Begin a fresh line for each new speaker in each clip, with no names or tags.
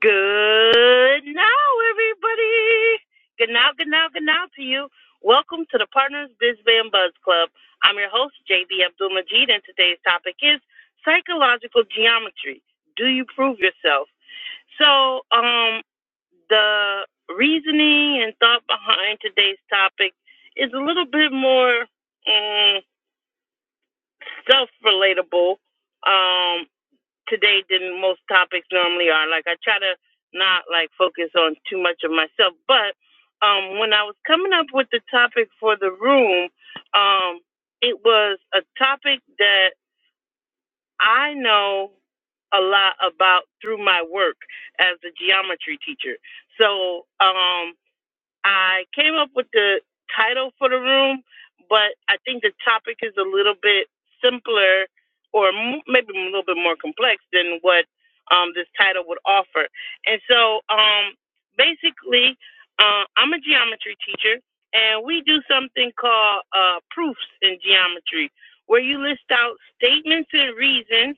Good now, everybody. Good now, good now, good now to you. Welcome to the Partners Biz Band Buzz Club. I'm your host, JB Abdul Majid, and today's topic is psychological geometry. Do you prove yourself? So, um, the reasoning and thought behind today's topic is a little bit more um, self relatable um today than most topics normally are. Like I try to not like focus on too much of myself, but um, when I was coming up with the topic for the room, um, it was a topic that I know a lot about through my work as a geometry teacher. So, um, I came up with the title for the room, but I think the topic is a little bit simpler or maybe a little bit more complex than what um, this title would offer. And so um, basically, uh, I'm a geometry teacher, and we do something called uh, proofs in geometry, where you list out statements and reasons,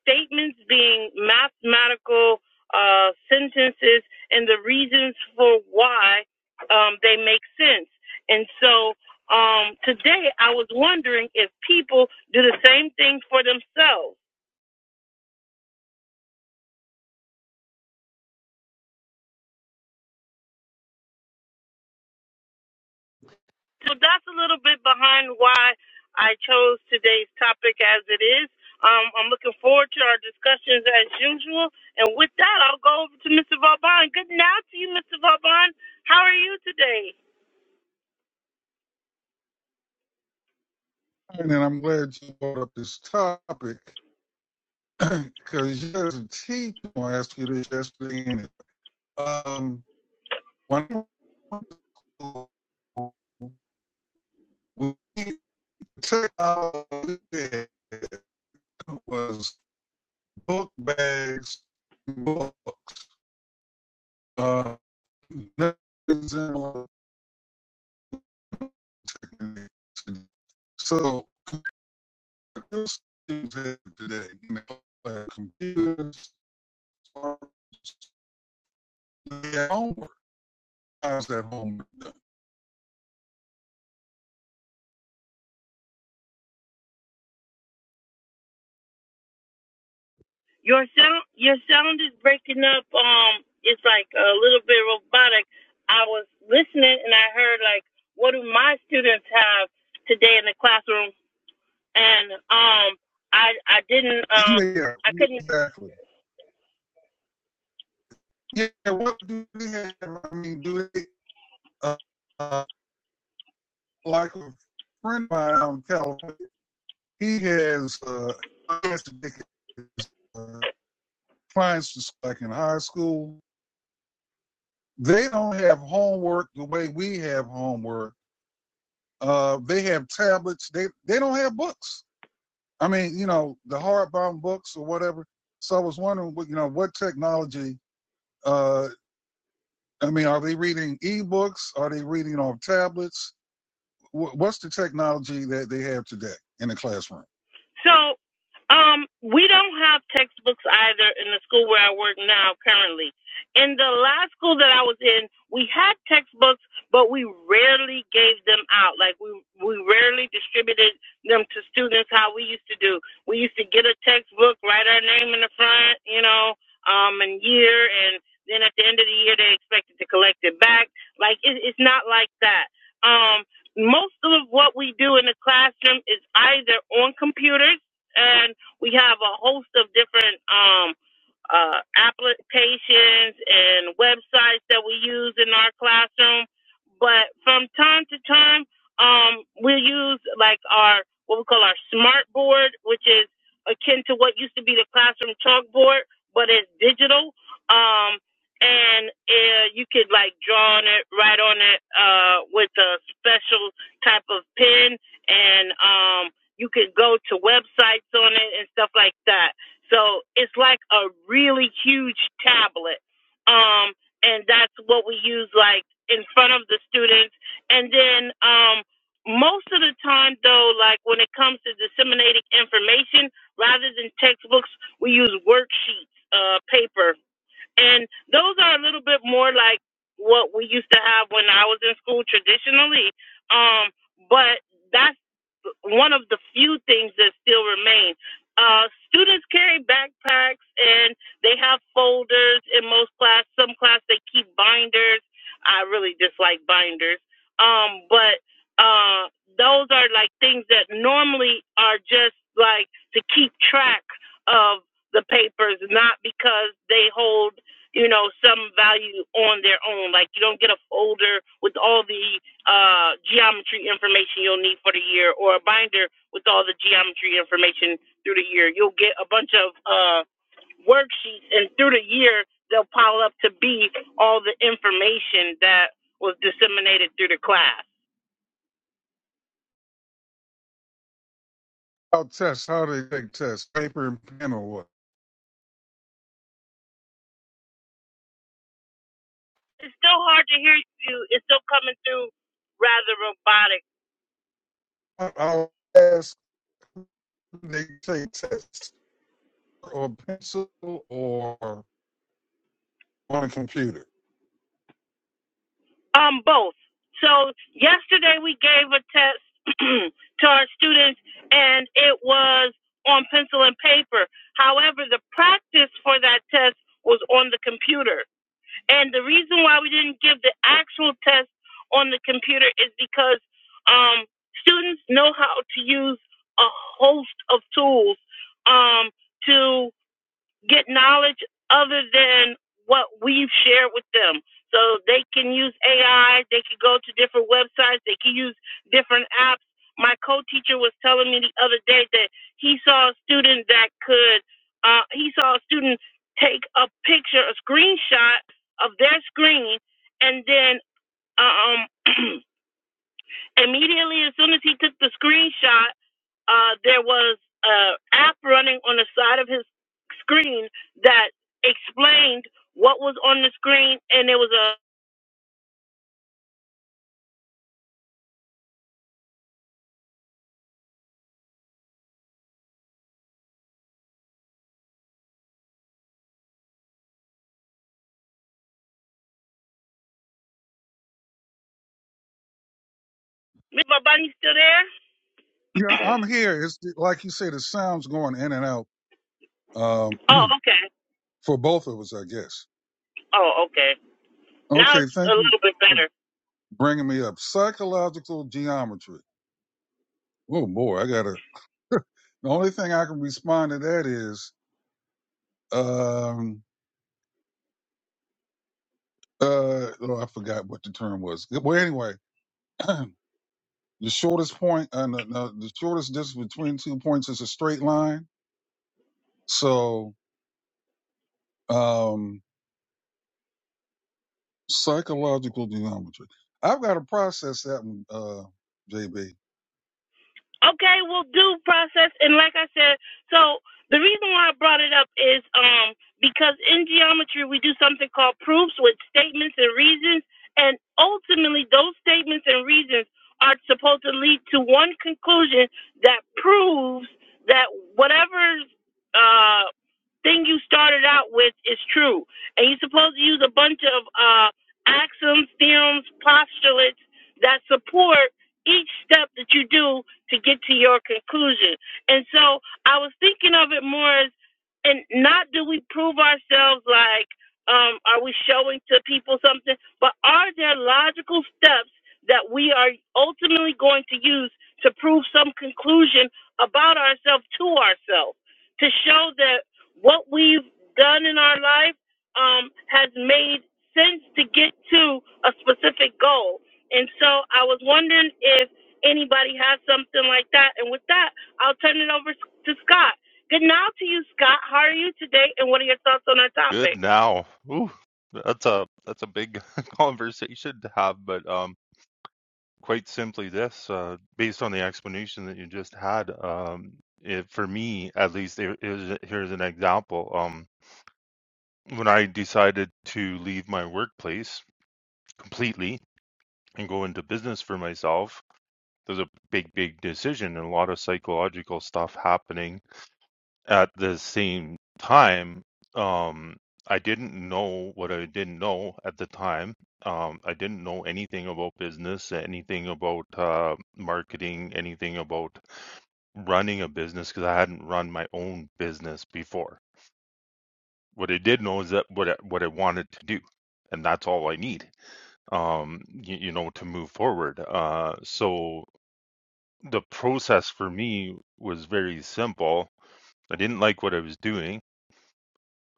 statements being mathematical uh, sentences, and the reasons for why um, they make sense. And so um, today I was wondering if people do the same thing for themselves. So that's a little bit behind why I chose today's topic as it is. Um, I'm looking forward to our discussions as usual. And with that, I'll go over to Mr. Vauban. Good now to you, Mr. Vauban. How are you today?
And I'm glad you brought up this topic because you as a teacher, I asked you this yesterday. And, um, when I went to school, we took out it was book bags, books, uh, So this is today, you know, uh, computers, smartphones, their homework, how's that homework?
Your sound, your sound is breaking up. Um, it's like a little bit robotic. I was listening and I heard like, what do my students have today in the classroom? And um, I I didn't um, uh,
Yeah,
I couldn't
exactly. Yeah, what do they have? I mean, do they, uh, uh, like a friend of mine out in California, he has, uh, clients to take his, uh, clients just like in high school. They don't have homework the way we have homework. Uh, they have tablets. They, they don't have books. I mean, you know, the hardbound books or whatever. So I was wondering, what you know, what technology uh, I mean, are they reading ebooks? Are they reading off tablets? What's the technology that they have today in the classroom?
So, um, we don't have textbooks either in the school where I work now currently. In the last school that I was in, we had textbooks, but we rarely gave them out. Like we we rarely distributed them to students how we used to do. We used to get a textbook, write our name in the front, you know, um, and year, and then at the end of the year they expected to collect it back. Like it, it's not like that. um most of what we do in the classroom is either on computers and we have a host of different um uh, applications and websites that we use in our classroom. But from time to time, um, we use like our what we call our smart board, which is akin to what used to be the classroom chalkboard, but it's digital. Um, and uh, you could like draw on it, write on it uh, with a special type of pen, and um, you could go to websites on it and stuff like that so it's like a really huge tablet. Um, and that's what we use like in front of the students. And then um, most of the time though, like when it comes to disseminating information, rather than textbooks, we use worksheets, uh, paper and those are a little bit more like what we used to have when I was in school traditionally. Um, but that's one of the few things that still remain. Uh, students carry backpacks and they have folders in most class. Some class they keep binders. I really dislike binders. Um, but uh, those are like things that normally are just like to keep track of the papers, not because they hold you know, some value on their own. Like you don't get a folder with all the uh, geometry information you'll need for the year, or a binder with all the geometry information through the year. You'll get a bunch of uh, worksheets, and through the year they'll pile up to be all the information that was disseminated through the class.
How tests? How do they take tests? Paper and pen or what?
It's still hard to hear you. It's still coming through rather robotic.
How how fast do they take tests or pencil or on a computer?
Um, both. So yesterday we gave a test to our students, and it was on pencil and paper. However, the practice for that test was on the computer. And the reason why we didn't give the actual test on the computer is because um, students know how to use a host of tools um, to get knowledge other than what we've shared with them. So they can use AI, they can go to different websites, they can use different apps. My co-teacher was telling me the other day that he saw a student that could, uh, he saw a student take a picture, a screenshot of their screen, and then uh, um, Immediately, as soon as he took the screenshot, uh, there was an app running on the side of his screen that explained what was on the screen, and there was a. Miss Babani still there?
Yeah, I'm here. It's like you said. the sound's going in and out um,
oh, okay.
for both of us, I guess.
Oh, okay. Now
Okay,
it's a
thank you
little bit
for
better.
bringing me up. Psychological geometry. Oh boy, I gotta The only thing I can respond to that is, um, uh, oh, I forgot what the term was. Well, anyway, the shortest point and uh, no, no, the shortest distance between two points is a straight line. So, um, psychological geometry. I've got to process that one, uh, JB.
Okay, well, due process, and like I said, so the reason why I brought it up is um because in geometry we do something called proofs with statements and reasons, and ultimately those statements and reasons are supposed to lead to one conclusion that proves that whatever uh thing you started out with is true, and you're supposed to use a bunch of uh axioms, theorems, postulates that support each step that you do to get to your conclusion. And so I was thinking of it more as, and not do we prove ourselves like, um, are we showing to people something, but are there logical steps that we are ultimately going to use to prove some conclusion about ourselves to ourselves, to show that what we've done in our life um, has made sense to get to a specific goal. And so I was wondering if Anybody has something like that? And with that, I'll turn it over to Scott. Good now to you, Scott. How are you today? And what are your thoughts on our
Good
topic?
now. Ooh, that's a that's a big conversation to have, but um, quite simply this, uh, based on the explanation that you just had, um, it, for me at least, there is here's an example. Um, when I decided to leave my workplace completely and go into business for myself, there's a big, big decision and a lot of psychological stuff happening at the same time, um, I didn't know what I didn't know at the time. Um, I didn't know anything about business, anything about uh, marketing, anything about running a business because I hadn't run my own business before. What I did know is that what I, what I wanted to do, and that's all I need, um, you, you know, to move forward. Uh, so the process for me was very simple. I didn't like what I was doing.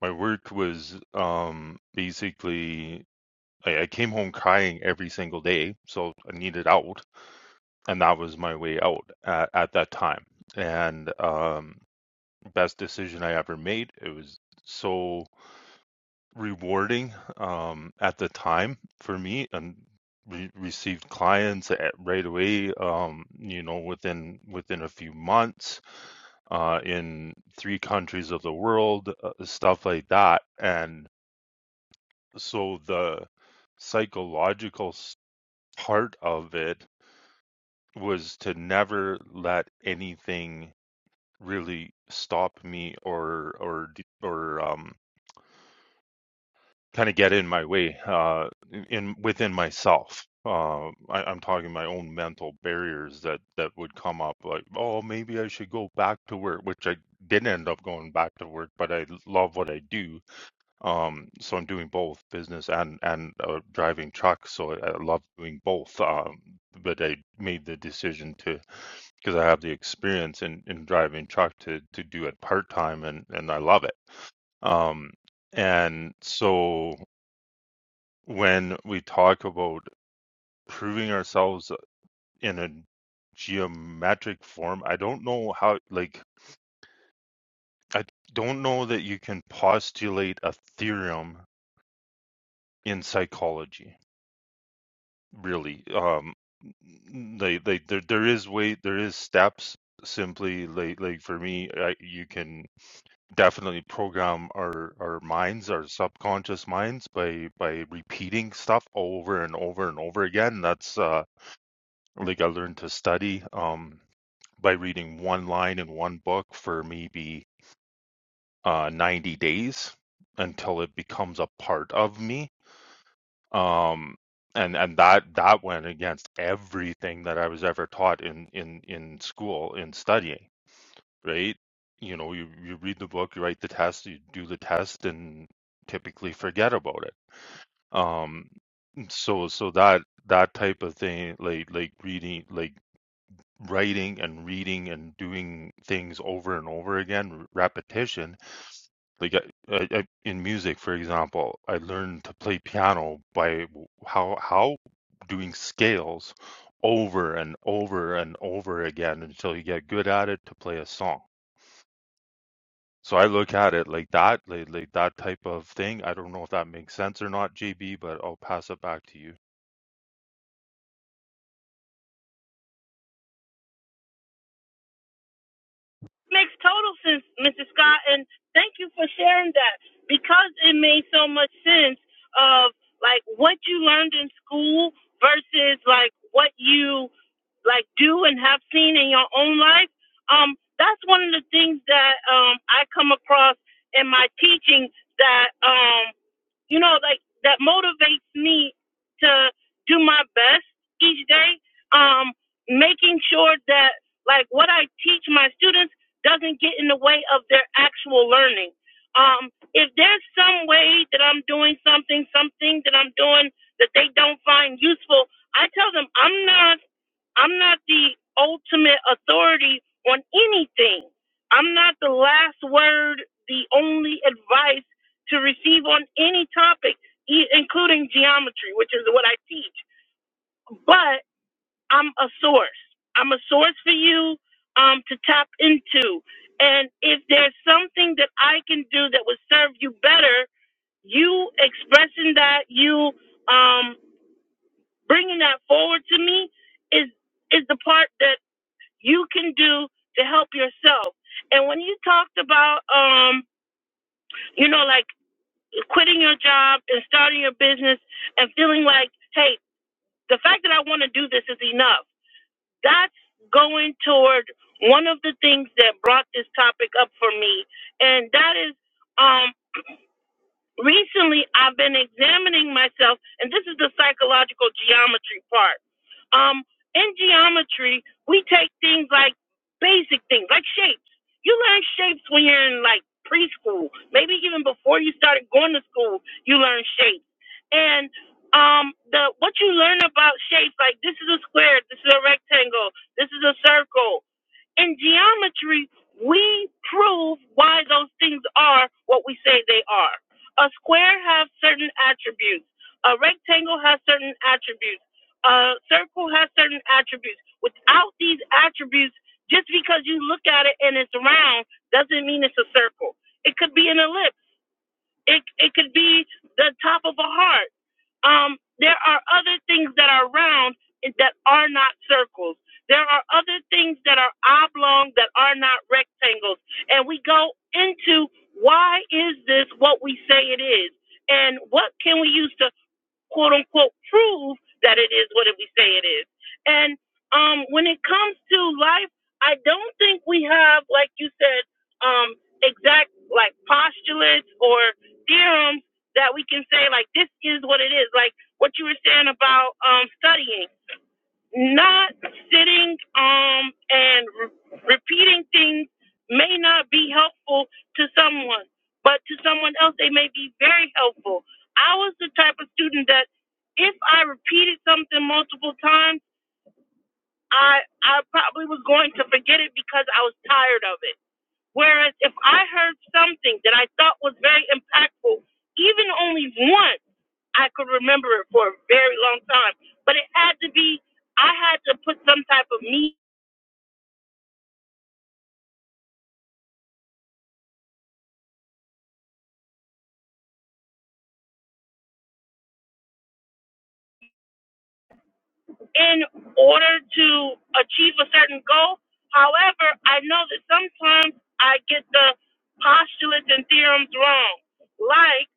My work was um, basically I, I came home crying every single day, so I needed out, and that was my way out at, at that time. And um, best decision I ever made. It was so rewarding um, at the time for me, and re- received clients a- right away. Um, you know, within within a few months. Uh, in three countries of the world, uh, stuff like that, and so the psychological part of it was to never let anything really stop me or or or um kind of get in my way uh in in- within myself uh, I, i'm talking my own mental barriers that that would come up like oh maybe i should go back to work which i did end up going back to work but i love what i do Um, so I'm doing both business and and uh, driving trucks. So I, I love doing both. Um, but I made the decision to because I have the experience in, in driving truck to to do it part time, and and I love it. Um, and so when we talk about proving ourselves in a geometric form, I don't know how like I don't know that you can postulate a theorem in psychology really um they they there, there is way there is steps simply like like for me I, you can definitely program our our minds our subconscious minds by by repeating stuff over and over and over again that's uh like i learned to study um by reading one line in one book for maybe uh 90 days until it becomes a part of me um and and that that went against everything that I was ever taught in in in school in studying right you know you you read the book you write the test you do the test and typically forget about it um so so that that type of thing like like reading like writing and reading and doing things over and over again r- repetition like I, I, I, in music for example i learned to play piano by w- how how doing scales over and over and over again until you get good at it to play a song so i look at it like that like, like that type of thing i don't know if that makes sense or not jb but i'll pass it back to you
Makes total sense, Mr. Scott, and thank you for sharing that because it made so much sense of like what you learned in school versus like what you like do and have seen in your own life. Um, that's one of the things that um I come across in my teaching that um you know, like that motivates me to do my best each day. Um, making sure that like what I teach my students doesn't get in the way of their actual learning. Um, if there's some way that I'm doing something, something that I'm doing that they don't find useful, I tell them I'm not I'm not the ultimate authority on anything. I'm not the last word, the only advice to receive on any topic, e- including geometry, which is what I teach. But I'm a source. I'm a source for you um, to tap into. And if there's something that I can do that would serve you better, you expressing that, you um, bringing that forward to me is is the part that you can do to help yourself. And when you talked about, um, you know, like quitting your job and starting your business and feeling like, hey, the fact that I want to do this is enough. That's going toward one of the things that brought this topic up for me, and that is. Um, recently I've been examining myself, and this is the psychological geometry part. Um, in geometry, we take things like basic things, like shapes. You learn shapes when you're in like preschool, maybe even before you started going to school, you learn shapes. And um, the what you learn about shapes, like this is a square, this is a rectangle, this is a circle. In geometry, we prove why those things are what we say they are. A square has certain attributes. A rectangle has certain attributes. A circle has certain attributes. Without these attributes, just because you look at it and it's round doesn't mean it's a circle. It could be an ellipse. It it could be the top of a heart. Um, there are other things that are round that are not circles. There are other things that are oblong that are not rectangles. And we go into why is this what we say it is? And what can we use to quote unquote prove that it is what we say it is. And um, when it comes to life, I don't think we have, like you said, um, exact like postulates or theorems that we can say like this is what it is. Like what you were saying about um, studying not sitting um and re- repeating things may not be helpful to someone, but to someone else they may be very helpful. I was the type of student that if I repeated something multiple times, I I probably was going to forget it because I was tired of it Whereas if I heard something that I thought was very impactful, even only once, I could remember it for a very long time. But it had to be, I had to put some type of me in order to achieve a certain goal. However, I know that sometimes I get the postulates and theorems wrong, like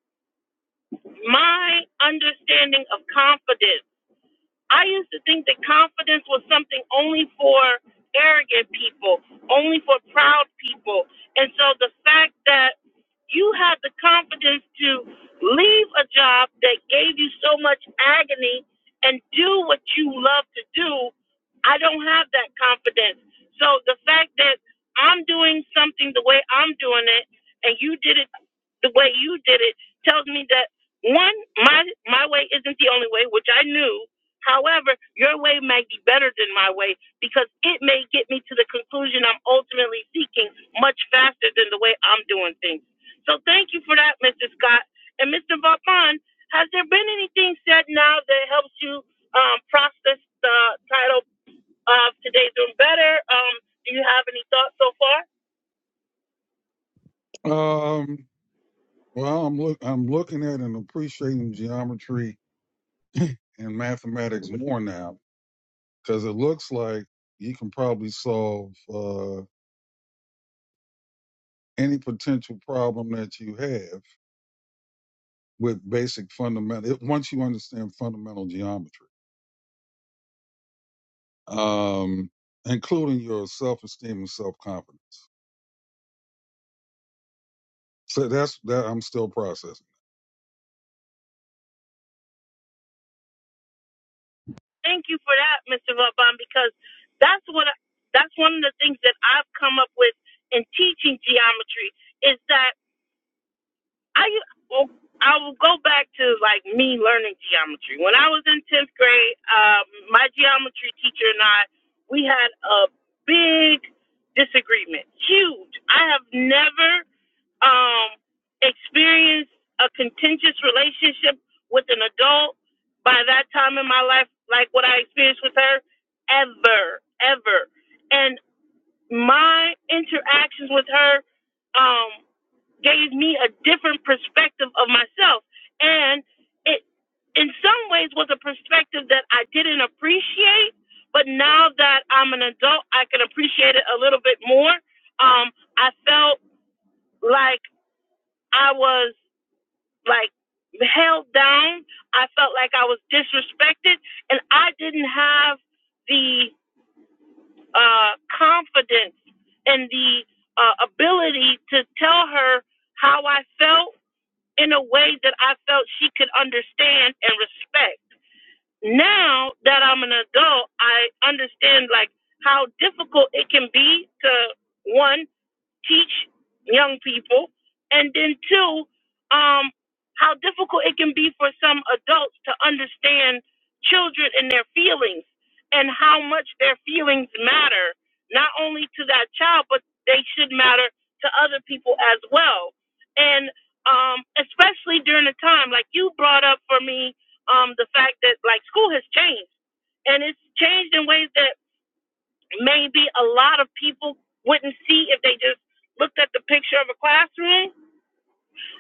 my understanding of confidence. I used to think that confidence was something only for arrogant people, only for proud people. And so the fact that you had the confidence to leave a job that gave you so much agony and do what you love to do, I don't have that confidence. So the fact that I'm doing something the way I'm doing it and you did it the way you did it tells me that one, my my way isn't the only way, which I knew However, your way might be better than my way because it may get me to the conclusion I'm ultimately seeking much faster than the way I'm doing things. So thank you for that, Mr. Scott. And Mr. Vaughn, has there been anything said now that helps you um, process the title of Today's Doing Better? Um, do you have any thoughts so far?
Um, well, I'm look, I'm looking at and appreciating geometry and mathematics more now because it looks like you can probably solve. uh, any potential problem that you have with basic fundamental it- once you understand fundamental geometry um including your self-esteem and self-confidence so that's that i'm still processing
Thank you for that, Mr. Vaughn, because that's what I, that's one of the things that I've come up with in teaching geometry is that I well, I will go back to like me learning geometry. When I was in tenth grade, um, my geometry teacher and I, we had a big disagreement. Huge. I have never um, experienced a contentious relationship with an adult by that time in my life, like what I experienced with her, ever, ever. And my interactions with her, um gave me a different perspective of myself. And it, in some ways, was a perspective that I didn't appreciate. But now that I'm an adult, I can appreciate it a little bit more. Um, I felt like I was like held down. I felt like I was disrespected, and I didn't have the uh, confidence and the uh, ability to tell her how I felt in a way that I felt she could understand and respect. Now that I'm an adult, I understand like how difficult it can be to one teach young people, and then two, um, how difficult it can be for some adults to understand children and their feelings, and how much their feelings matter not only to that child, but they should matter to other people as well, and um, especially during a time like you brought up for me, um, the fact that like school has changed, and it's changed in ways that maybe a lot of people wouldn't see if they just looked at the picture of a classroom.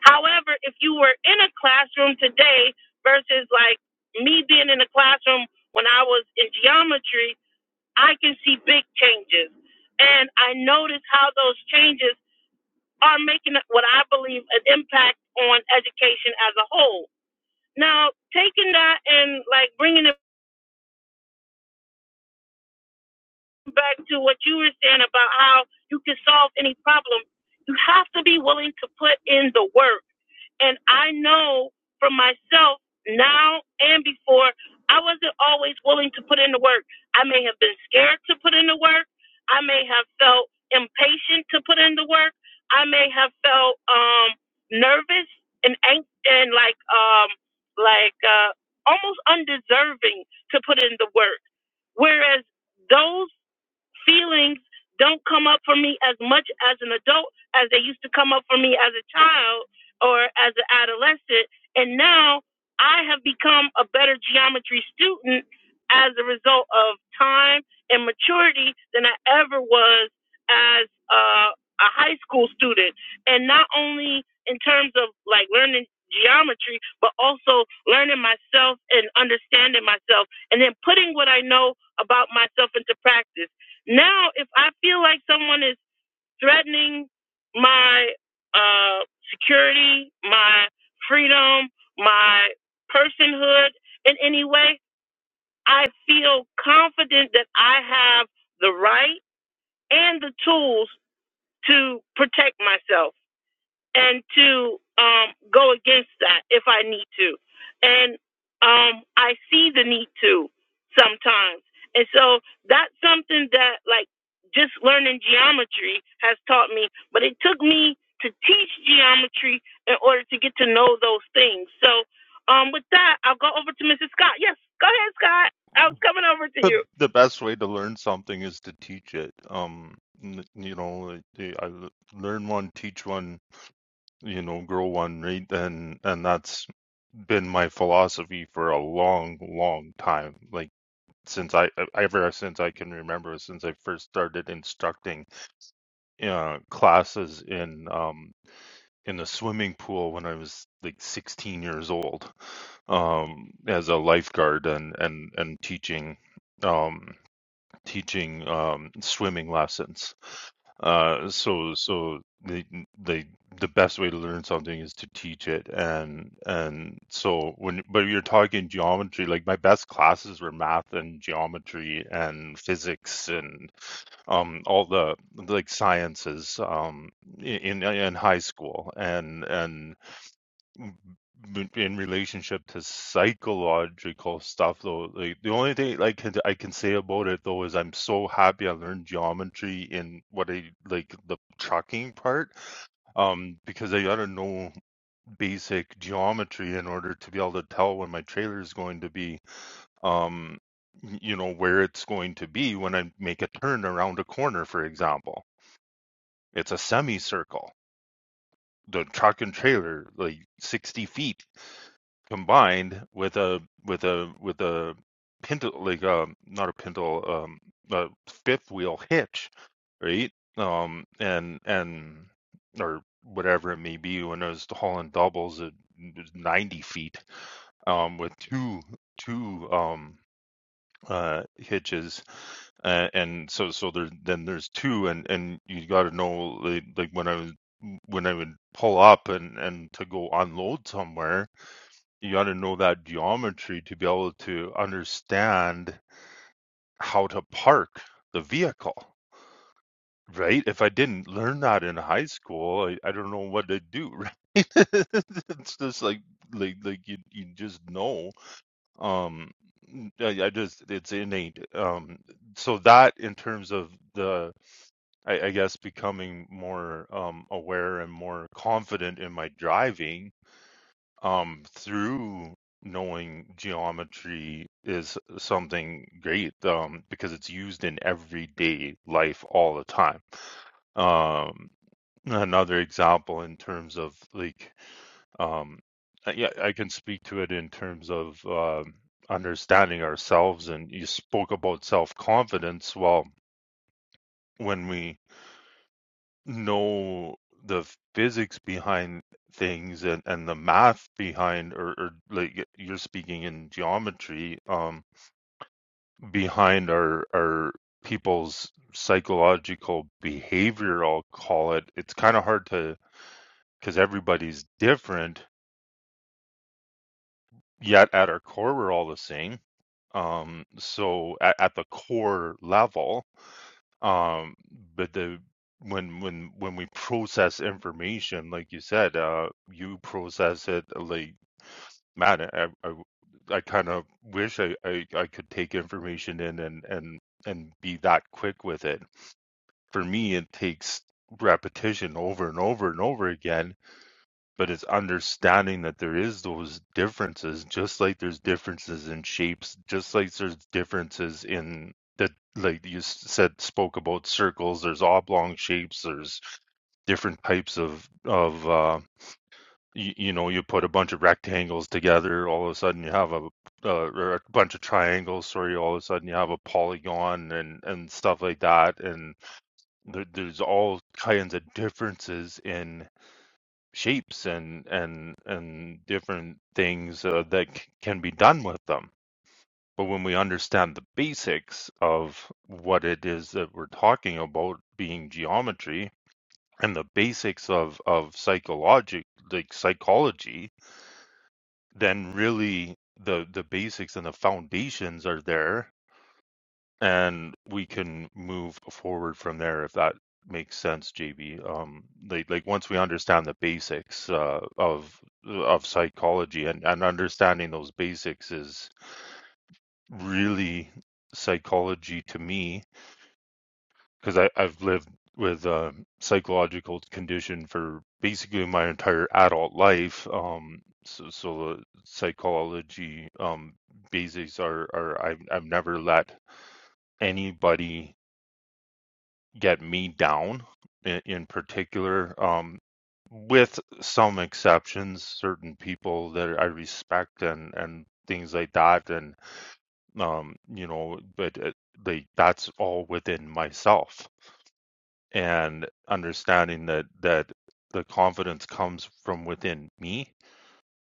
However, if you were in a classroom today versus like me being in a classroom when I was in geometry, I can see big changes. And I notice how those changes are making what I believe an impact on education as a whole. Now, taking that and like bringing it back to what you were saying about how you can solve any problem. You have to be willing to put in the work. And I know for myself now and before, I wasn't always willing to put in the work. I may have been scared to put in the work. I may have felt impatient to put in the work. I may have felt um, nervous and ang- and like um, like uh, almost undeserving to put in the work. Whereas those Feelings don't come up for me as much as an adult as they used to come up for me as a child or as an adolescent. And now I have become a better geometry student as a result of time and maturity than I ever was as uh, a high school student. And not only in terms of like learning geometry, but also learning myself and understanding myself and then putting what I know about myself into practice. Now, if I feel like someone is threatening my uh, security, my freedom, my personhood in any way, I feel confident that I have the right and the tools to protect myself and to um, go against that if I need to. And um, I see the need to sometimes. And so that's something that, like, just learning geometry has taught me, but it took me to teach geometry in order to get to know those things. So, um, with that, I'll go over to Mrs. Scott. Yes, go ahead, Scott. I was
Mm.
coming over to you.
the best way to learn something is to teach it um n- you know like, eh, i l- learn one teach one you know, grow one, right? And and that's been my philosophy for a long, long time. Like since I ever since I can remember, since I first started instructing uh, classes in um in a swimming pool when I was like 16 years old, um, as a lifeguard and and and teaching. Um, teaching um, swimming lessons. Uh, so so they they the best way to learn something is to teach it and and so when but you're talking geometry like my best classes were math and geometry and physics and um all the like sciences um in in, in high school and and in relationship to psychological stuff though like the only thing like i can say about it though is i'm so happy i learned geometry in what i like the trucking part um because i gotta know basic geometry in order to be able to tell when my trailer is going to be um you know where it's going to be when i make a turn around a corner for example it's a semicircle the truck and trailer like 60 feet combined with a with a with a pindle like um not a pindle um a fifth wheel hitch right um and and or whatever it may be when I was hauling doubles it was 90 feet um with two two um uh hitches uh, and so so there then there's two and and you got to know like, like when I was when I would pull up and and to go unload somewhere you got to know that geometry to be able to understand how to park the vehicle, right? If I didn't learn that in high school, I, I don't know what to do, right? it's just like like like you you just know. Um, I, I just it's innate. Um, so that in terms of the I, I guess becoming more um aware and more confident in my driving um, through knowing geometry is something great um, because it's used in everyday life all the time. Um, another example in terms of like, um, uh, yeah, I can speak to it in terms of um understanding ourselves. And you spoke about self confidence. Well, when we know the physics behind things and, and the math behind or, or like you're speaking in geometry um behind our our people's psychological behavior I'll call it it's kind of hard to because everybody's different yet at our core we're all the same um so at, at the core level um but the when when when we process information like you said uh you process it uh, like man i i, I kind of wish I, I i could take information in and and and be that quick with it for me it takes repetition over and over and over again but it's understanding that there is those differences just like there's differences in shapes just like there's differences in that like you s- said spoke about circles there's oblong shapes there's different types of of uh you, you know you put a bunch of rectangles together all of a sudden you have a uh, or a bunch of triangles sorry all of a sudden you have a polygon and and stuff like that and there, there's all kinds of differences in shapes and and and different things uh, that c- can be done with them. But when we understand the basics of what it is that we're talking about being geometry and the basics of of psychologic like psychology, then really the the basics and the foundations are there and we can move forward from there if that makes sense, JB. Um, like like once we understand the basics uh, of of psychology and and understanding those basics is really psychology to me because I I've lived with a psychological condition for basically my entire adult life. Um, so so the psychology um basics are are I've I've never let anybody get me down in, in particular um with some exceptions certain people that i respect and and things like that and um you know but uh, like that's all within myself and understanding that that the confidence comes from within me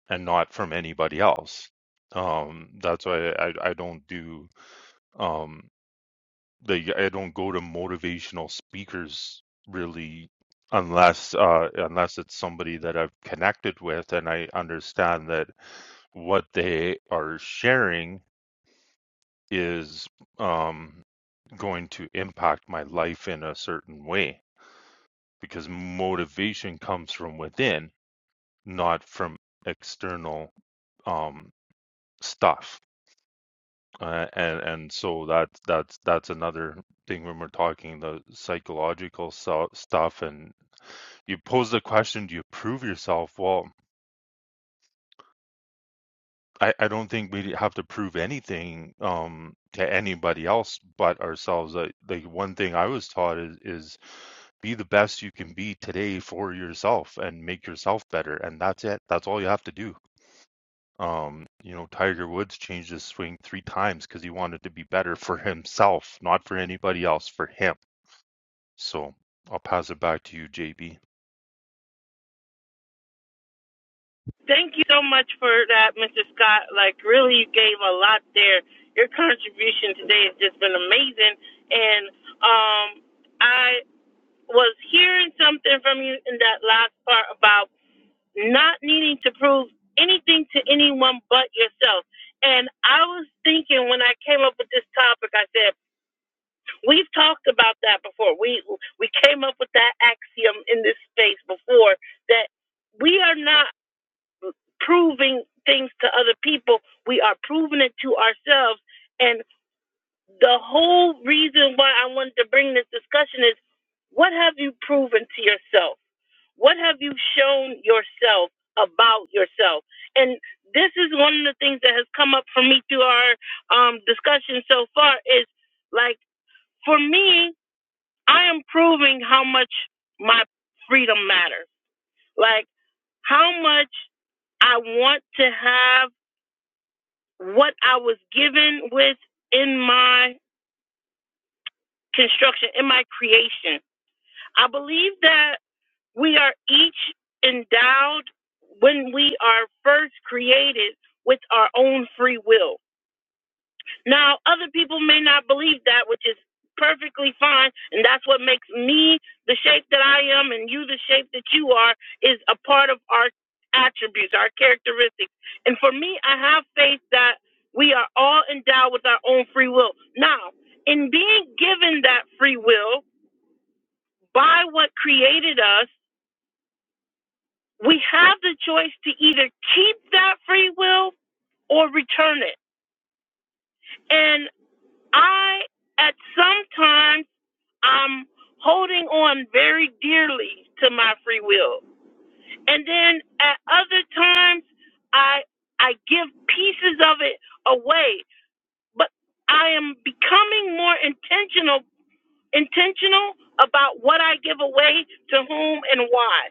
and not from anybody else um that's why i i don't do um like I don't go to motivational speakers really unless uh unless it's somebody that I've connected with and I understand that what they are sharing is um going to impact my life in a certain way because motivation comes from within not from external um stuff Uh, and and so that that's that's another thing when we're talking the psychological so- stuff. And you pose the question, do you prove yourself? Well, I, I don't think we have to prove anything um, to anybody else but ourselves. Like, like one thing I was taught is is be the best you can be today for yourself and make yourself better, and that's it. That's all you have to do. Um, you know, Tiger Woods changed his swing three times because he wanted to be better for himself, not for anybody else, for him. So I'll pass it back to you, JB.
Thank you so much for that, Mr. Scott. Like, really, you gave a lot there. Your contribution today has just been amazing. And um, I was hearing something from you in that last part about not needing to prove anything to anyone but yourself. And I was thinking when I came up with this topic, I said, we've talked about that before. We we came up with that axiom in this space before that we are not proving things to other people, we are proving it to ourselves. And the whole reason why I wanted to bring this discussion is what have you proven to yourself? What have you shown yourself about yourself? And this is one of the things that has come up for me through our um, discussion so far is like, for me, I am proving how much my freedom matters. Like, how much I want to have what I was given with in my construction, in my creation. I believe that we are each endowed when we are first created with our own free will. Now, other people may not believe that, which is perfectly fine, and that's what makes me the shape that I am and you the shape that you are is a part of our attributes, our characteristics. And for me, I have faith that we are all endowed with our own free will. Now, in being given that free will by what created us, we have the choice to either keep that free will or return it. And I, at some time I'm holding on very dearly to my free will. And then at other times, I I give pieces of it away, but I am becoming more intentional intentional about what I give away to whom and why.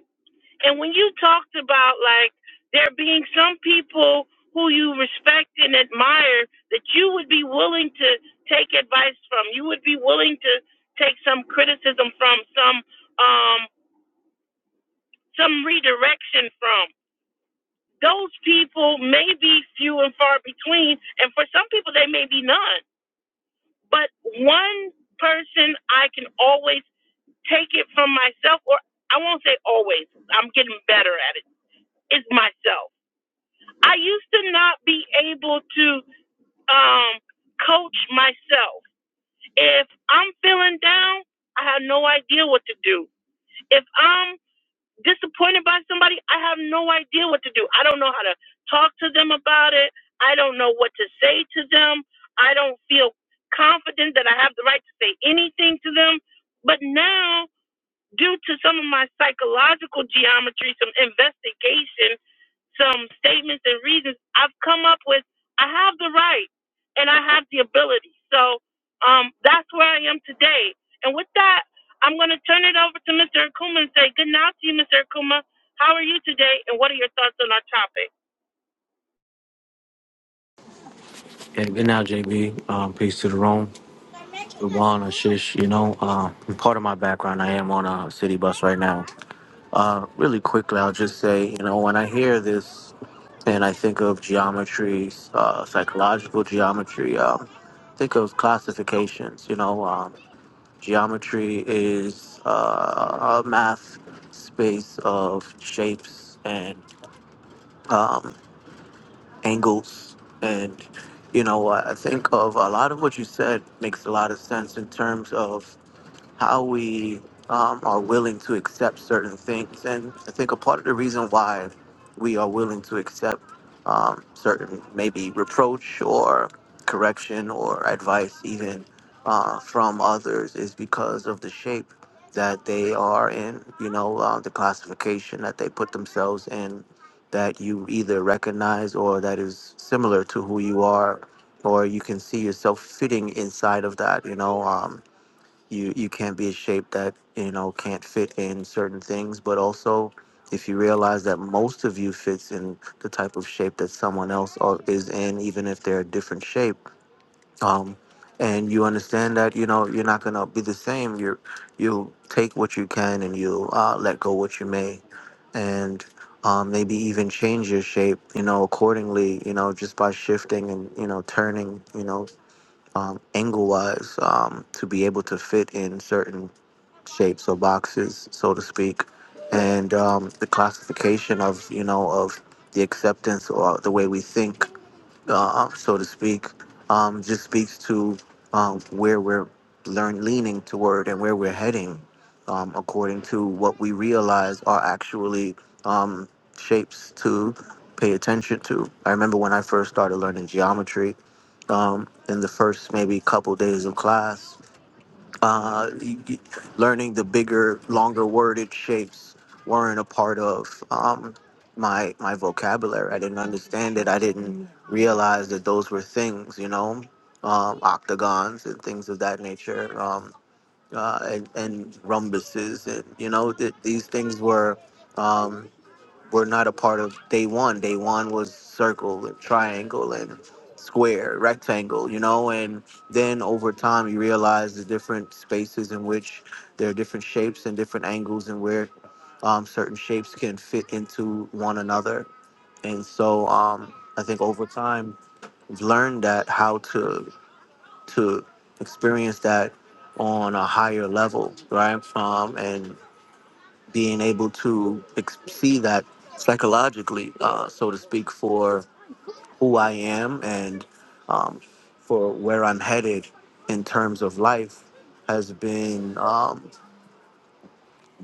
And when you talked about like there being some people who you respect and admire that you would be willing to take advice from, you would be willing to take some criticism from, some um some redirection from. Those people may be few and far between, and for some people they may be none. But one person I can always take it from myself or I won't say always. I'm getting better at It's myself I used to not be able to um, coach myself. If I'm feeling down, I have no idea what to do. If I'm disappointed by somebody, I have no idea what to do. I don't know how to talk to them about it. I don't know what to say to them. I don't feel confident that I have the right to say anything to them. But now due to some of my psychological geometry, some investigation, some statements and reasons, I've come up with I have the right and I have the ability. So um, that's where I am today. And with that, I'm going to turn it over to Mr. Akuma and say good night to you, Mr. Akuma. How are you today? And what are your thoughts on our topic?
Yeah, good now, JB. Um, peace to the room. Luana, Shish, you know, uh, part of my background, I am on a city bus right now. Uh, really quickly, I'll just say, you know, when I hear this and I think of geometry, uh, psychological geometry, um, think of classifications, you know, um, geometry is uh, a math space of shapes and. angles. And, you know, I I think of a lot of what you said makes a lot of sense in terms of how we um, are willing to accept certain things. And I think a part of the reason why we are willing to accept um, certain maybe reproach or correction or advice, even uh, from others, is because of the shape that they are in, you know, uh, the classification that they put themselves in that you either recognize or that is similar to who you are or you can see yourself fitting inside of that you know Um, you you can't be a shape that you know can't fit in certain things but also if you realize that most of you fits in the type of shape that someone else al- is in even if they're a different shape um and you understand that you know you're not going to be the same you're you'll take what you can and you'll uh, let go what you may and um, maybe even change your shape you know accordingly you know just by shifting and you know turning you know um, angle wise um, to be able to fit in certain shapes or boxes, so to speak, and um, the classification of you know of the acceptance or the way we think uh, so to speak, um, just speaks to um, where we're learn, leaning toward and where we're heading, um, according to what we realize are actually um, shapes to pay attention to. I remember when I first started learning geometry, um, in the first maybe couple days of class, uh, learning the bigger, longer worded shapes weren't a part of um, my my vocabulary. I didn't understand it. I didn't realize that those were things, you know, um, octagons and things of that nature, um, uh, and, and rhombuses, and you know, th- these things were. Um, were not a part of day one. Day one was circle and triangle and square, rectangle, you know, and then over time you realize the different spaces in which there are different shapes and different angles and where um, certain shapes can fit into one another. And so um, I think over time we've learned that how to to experience that on a higher level, right? Um, and being able to ex- see that psychologically, uh, so to speak, for who I am and um, for where I'm headed in terms of life has been um,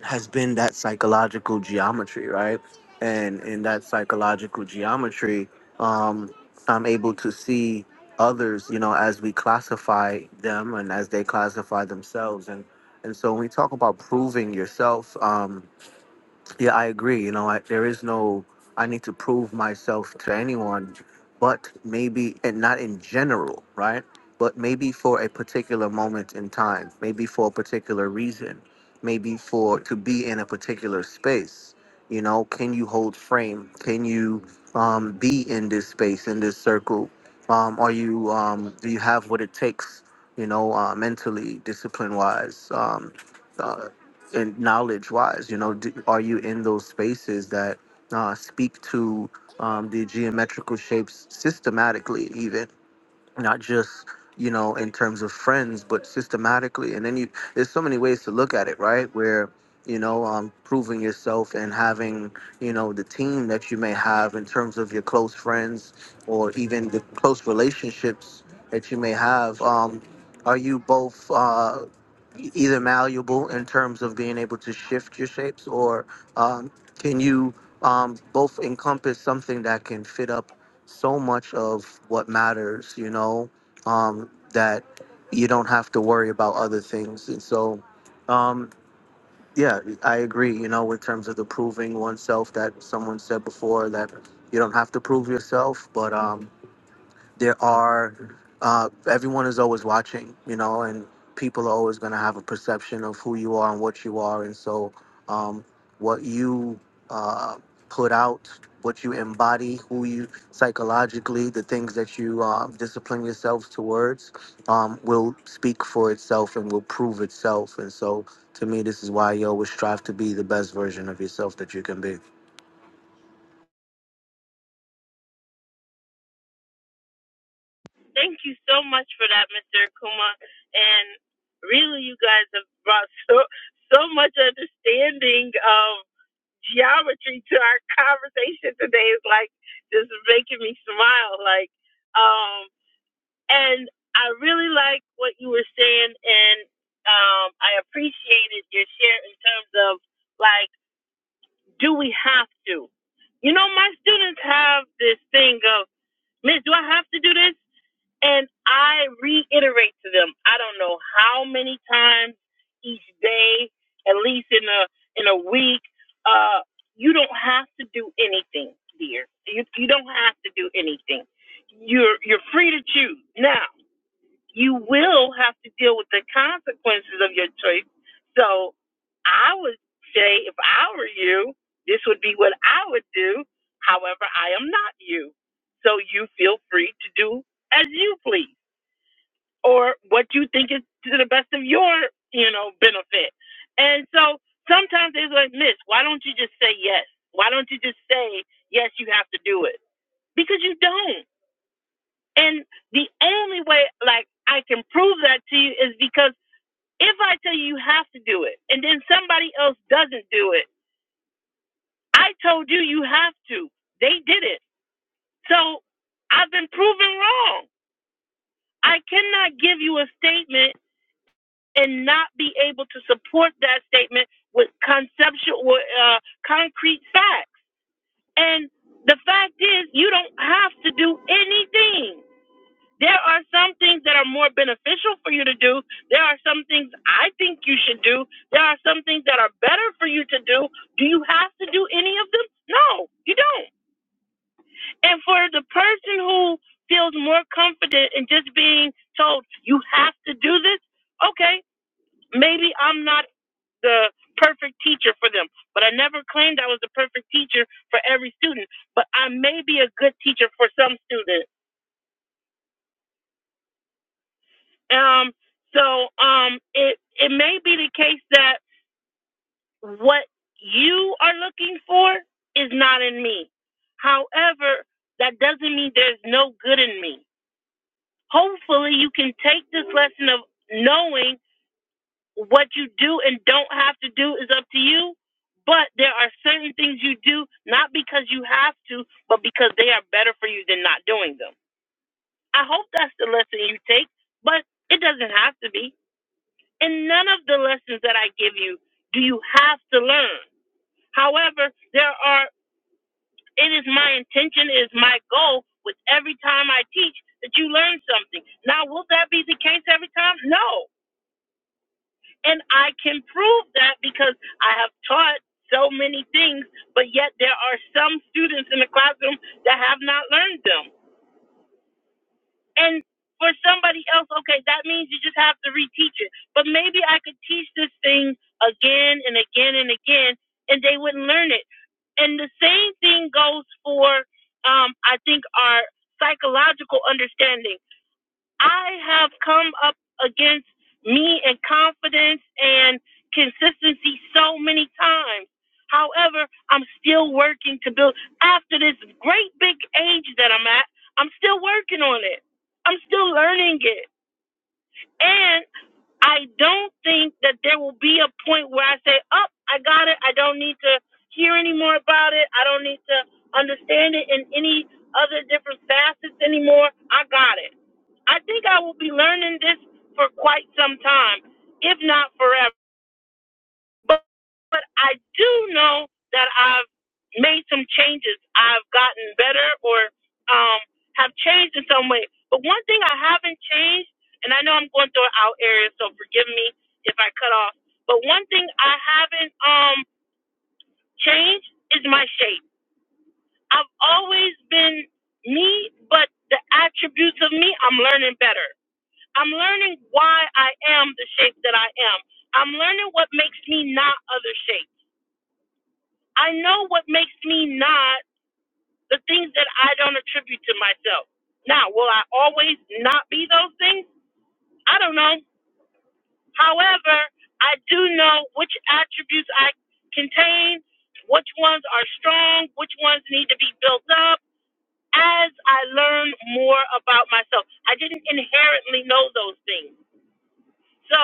has been that psychological geometry, right? And in that psychological geometry, um, I'm able to see others, you know, as we classify them and as they classify themselves, and and so when we talk about proving yourself. Um, yeah, I agree. You know, I, there is no, I need to prove myself to anyone, but maybe, and not in general, right? But maybe for a particular moment in time, maybe for a particular reason, maybe for to be in a particular space. You know, can you hold frame? Can you um, be in this space, in this circle? Um, are you, um, do you have what it takes, you know, uh, mentally, discipline wise? Um, uh, and knowledge wise you know do, are you in those spaces that uh, speak to um, the geometrical shapes systematically even not just you know in terms of friends but systematically and then you there's so many ways to look at it right where you know um, proving yourself and having you know the team that you may have in terms of your close friends or even the close relationships that you may have um, are you both uh, e- either malleable in terms of being able to shift your shapes or um, can you um, both encompass something that can fit up so much of what matters, you know, um, that you don't have to worry about other things. And so, um, yeah, I agree, you know, in terms of the proving oneself that someone said before that you don't have to prove yourself. But um, there are uh, everyone is always watching you know and people are always going to have a perception of who you are and what you are and so um, what you uh, put out what you embody who you psychologically the things that you uh, discipline yourselves towards um, will speak for itself and will prove itself and so to me this is why you always strive to be the best version of yourself that you can be
Thank you so much for that, Mr. Akuma. And really, you guys have brought so so much understanding. of. geometry to our conversation today is like just making me smile. Like, um, and I really like what you were saying, and um, I appreciated your share in terms of like, do we have to? You know, my students have this thing of, Miss, do I have to do this? And I reiterate to them, I don't know how many times each day, at least in a in a week, uh, you don't have to do anything, dear. You you don't have to do anything. You're you're free to choose. Now, you will have to deal with the consequences of your choice. So I would say if I were you, this would be what I would do. However, I am not you. So you feel free to do as you please or what you think is to the best of your, you know, benefit. And so sometimes they like, Miss, why don't you just say yes? Why don't you just say yes? You have to do it because you don't. And the only way, like, I can prove that to you is because if I tell you you have to do it, and then somebody else doesn't do it, I told you you have to. They did it. So I've been proven wrong. I cannot give you a statement and not be able to support that statement with conceptual, with, uh, concrete facts. And the fact is, you don't have to do anything. There are some things that are more beneficial for you to do. There are some things I think you should do. There are some things that are better for you to do. Do you have to do any of them? No, you don't. And for the person who feels more confident in just being told, you have to do this, okay, maybe I'm not the perfect teacher for them. But I never claimed I was the perfect teacher for every student. But I may be a good teacher for some students. Um, so um, it it may be the case that what you are looking for is not in me. However, that doesn't mean there's no good in me. Hopefully, you can take this lesson of knowing What you do and don't have to do is up to you. But there are certain things you do not because you have to, but because they are better for you than not doing them. I hope that's the lesson you take, but it doesn't have to be. And none of the lessons that I give you do you have to learn. However, there are it is my intention, it is my goal with every time I teach that you learn something. Now, will that be the case every time? No. And I can prove that because I have taught so many things, but yet there are some students in the classroom that have not learned them. And for somebody else, okay, that means you just have to reteach it. But maybe I could teach this thing again and again and again, and they wouldn't learn it. And the same thing goes for, um, I think, our psychological understanding I have come up against me and confidence and consistency so many times. However, I'm still working to build after this great big age that I'm at. I'm still working on it. I'm still learning it. And I don't think that there will be a point where I say, "Oh, I got it. I don't need to hear any more about it. I don't need to understand it in any other different facets anymore. I got it." I think I will be learning this for quite some time, if not forever. But, but I do know that I've made some changes. I've gotten better or um, have changed in some way. But one thing I haven't changed, and I know I'm going through out area, so forgive me if I cut off. But one thing I haven't um, changed is my shape. I've always been me, but the attributes of me, I'm learning better. I'm learning why I am the shape that I am. I'm learning what makes me not other shapes. I know what makes me not the things that I don't attribute to myself. Now, will I always not be those things? I don't know. However, I do know which attributes I contain, which ones are strong, which ones need to be built up as I learn more about myself. I didn't inherently know those things. So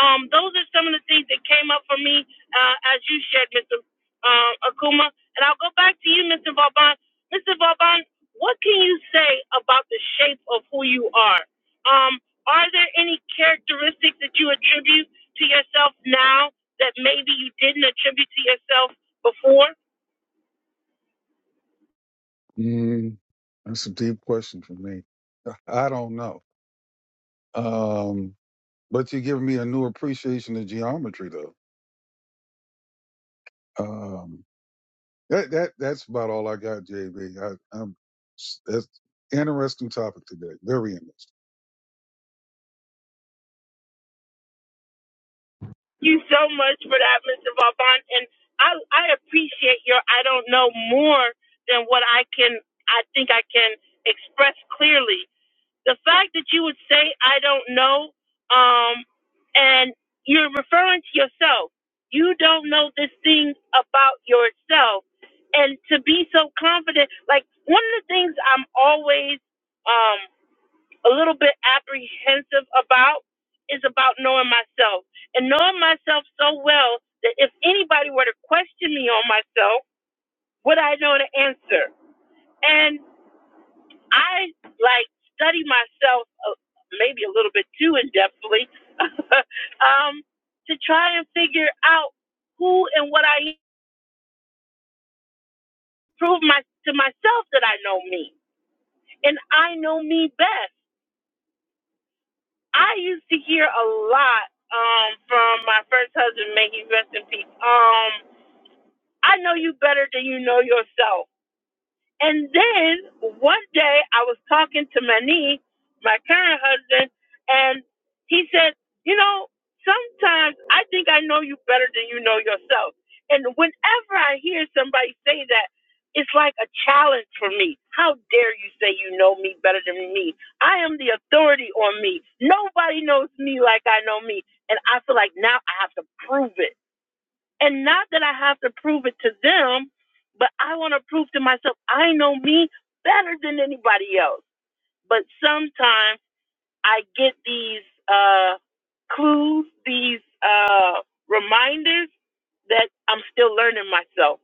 um, those are some of the things that came up for me uh, as you shared, Mr. Um, Akuma. And I'll go back to you, Mr. Vauban. Mr. Vauban, what can you say about the shape of who you are? Um, are there any characteristics that you attribute to yourself now that maybe you didn't attribute to yourself before?
mm, that's a deep question for me i don't know um but you're giving me a new appreciation of geometry though um that that that's about all i got jb i am that's interesting topic today very interesting
you so much for that, Mr. Vaughn. And I, I appreciate your I don't know more than what I can, I think I can express clearly. The fact that you would say I don't know, um, and you're referring to yourself. You don't know this thing about yourself. And to be so confident, like one of the things I'm always um, a little bit apprehensive about is about knowing myself and knowing myself so well that if anybody were to question me on myself, would I know the answer? And I like study myself uh, maybe a little bit too in depthly um, to try and figure out who and what I am, prove my, to myself that I know me and I know me best. I used to hear a lot um from my first husband, may he rest in peace. Um, I know you better than you know yourself. And then one day I was talking to Mani, my current husband, and he said, You know, sometimes I think I know you better than you know yourself. And whenever I hear somebody say that, it's like a challenge for me. How dare you say you know me better than me? I am the authority on me. Nobody knows me like I know me. And I feel like now I have to prove it. And not that I have to prove it to them, but I want to prove to myself I know me better than anybody else. But sometimes I get these uh, clues, these uh, reminders that I'm still learning myself.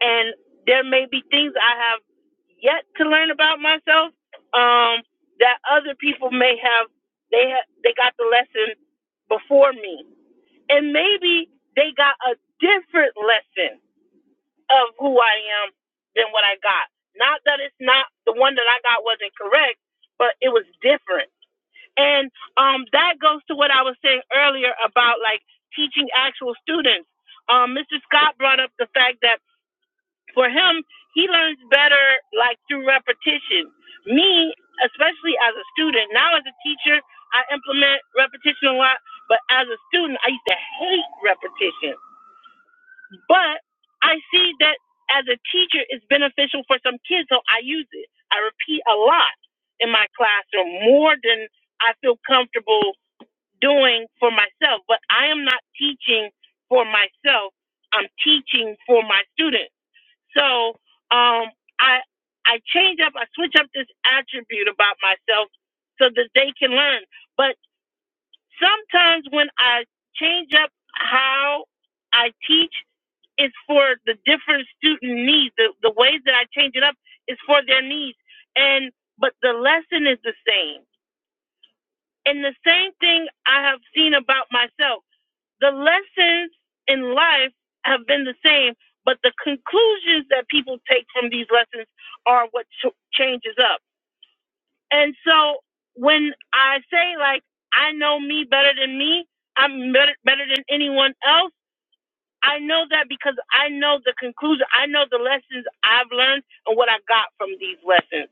And there may be things I have yet to learn about myself um, that other people may have. They ha- they got the lesson before me, and maybe they got a different lesson of who I am than what I got. Not that it's not the one that I got wasn't correct, but it was different. And um, that goes to what I was saying earlier about like teaching actual students. Um, Mr. Scott brought up the fact that for him, he learns better like through repetition. Me, especially as a student, now as a teacher, I implement repetition a lot, but as a student, I used to hate repetition but I see that as a teacher, it's beneficial for some kids, so I use it. I repeat a lot in my classroom, more than I feel comfortable doing for myself. But I am not teaching for myself. I'm teaching for my students. So um, I I change up, I switch up this attribute about myself so that they can learn. But sometimes when I change up how I teach, is for the different student needs. The, the ways that I change it up is for their needs. And but the lesson is the same. And the same thing I have seen about myself. The lessons in life have been the same, but the conclusions that people take from these lessons are what ch- changes up. And so when I say like I know me better than me, I'm better, better than anyone else I know that because I know the conclusion. I know the lessons I've learned and what I got from these lessons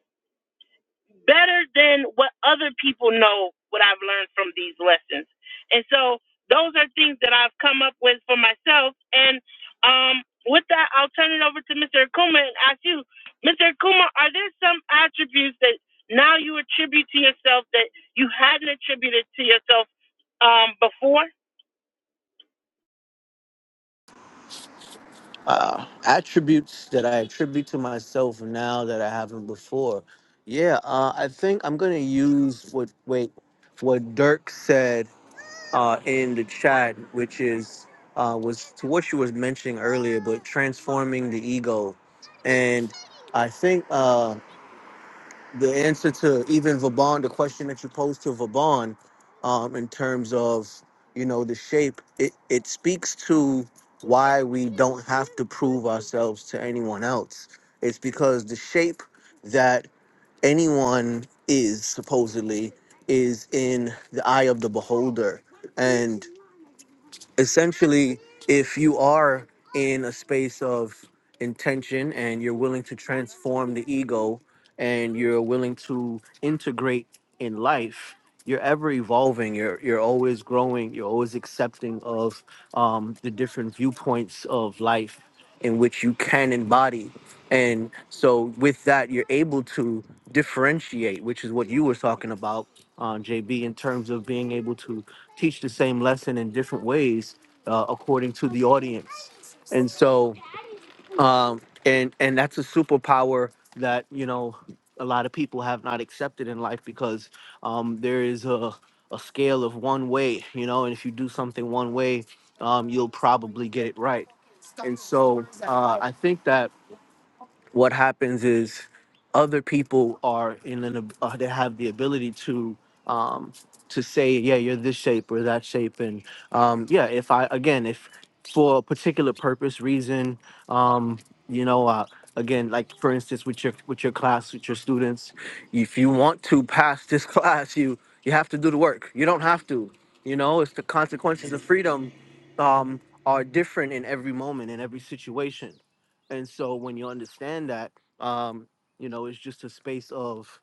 better than what other people know what I've learned from these lessons. And so those are things that I've come up with for myself. And um, with that, I'll turn it over to Mr. Akuma and ask you, Mr. Akuma, are there some attributes that now you attribute to yourself that you hadn't attributed to yourself um, before?
uh, attributes that I attribute to myself now that I haven't before. Yeah, uh, I think I'm gonna use what wait what Dirk said uh, in the chat, which is uh, was to what you was mentioning earlier, but transforming the ego, and I think. Uh, the answer to even Vaban, the question that you posed to Vaban, um, in terms of you know the shape, it it speaks to why we don't have to prove ourselves to anyone else. It's because the shape that anyone is supposedly is in the eye of the beholder, essentially, if you are in a space of intention and you're willing to transform the ego and you're willing to integrate in life, you're ever evolving. You're you're always growing. You're always accepting of um, the different viewpoints of life in which you can embody. And so, with that, you're able to differentiate, which is what you were talking about, uh, JB, in terms of being able to teach the same lesson in different ways uh, according to the audience. And so, um, and and that's a superpower that you know a lot of people have not accepted in life because um, there is a a scale of one way, you know, and if you do something one way, um, you'll probably get it right. And so, uh, I think that what happens is other people are in an ab- uh, they have the ability to um to say yeah you're this shape or that shape and um yeah if i again if for a particular purpose reason um you know uh again like for instance with your with your class with your students if you want to pass this class you you have to do the work you don't have to you know it's the consequences of freedom um are different in every moment in every situation and so when you understand that, um, you know, it's just a space of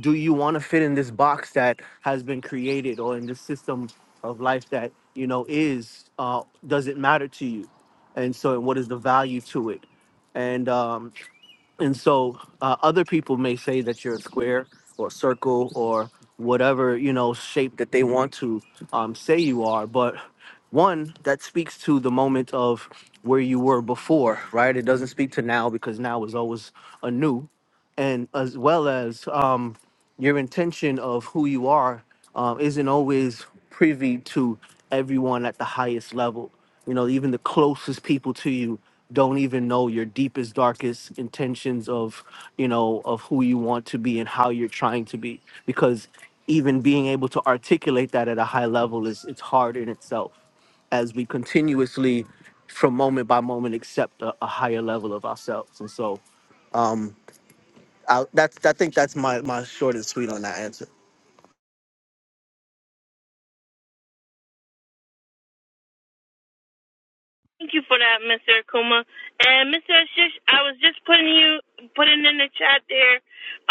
do you want to fit in this box that has been created or in this system of life that, you know, is, uh, does it matter to you? And so, and what is the value to it? And, um, and so uh, other people may say that you're a square or a circle or whatever, you know, shape that they want to um, say you are. But one, that speaks to the moment of where you were before, right? It doesn't speak to now because now is always anew. And as well as, um, your intention of who you are um, isn't always privy to everyone at the highest level. You know, even the closest people to you don't even know your deepest, darkest intentions of, you know, of who you want to be and how you're trying to be. Because even being able to articulate that at a high level is it's hard in itself as we continuously from moment by moment accept a, a higher level of ourselves. And so um I that's I think that's my, my short and sweet on that answer.
Thank you for that, Mr. Akuma. And Mr. Ashish, I was just putting you putting in the chat there.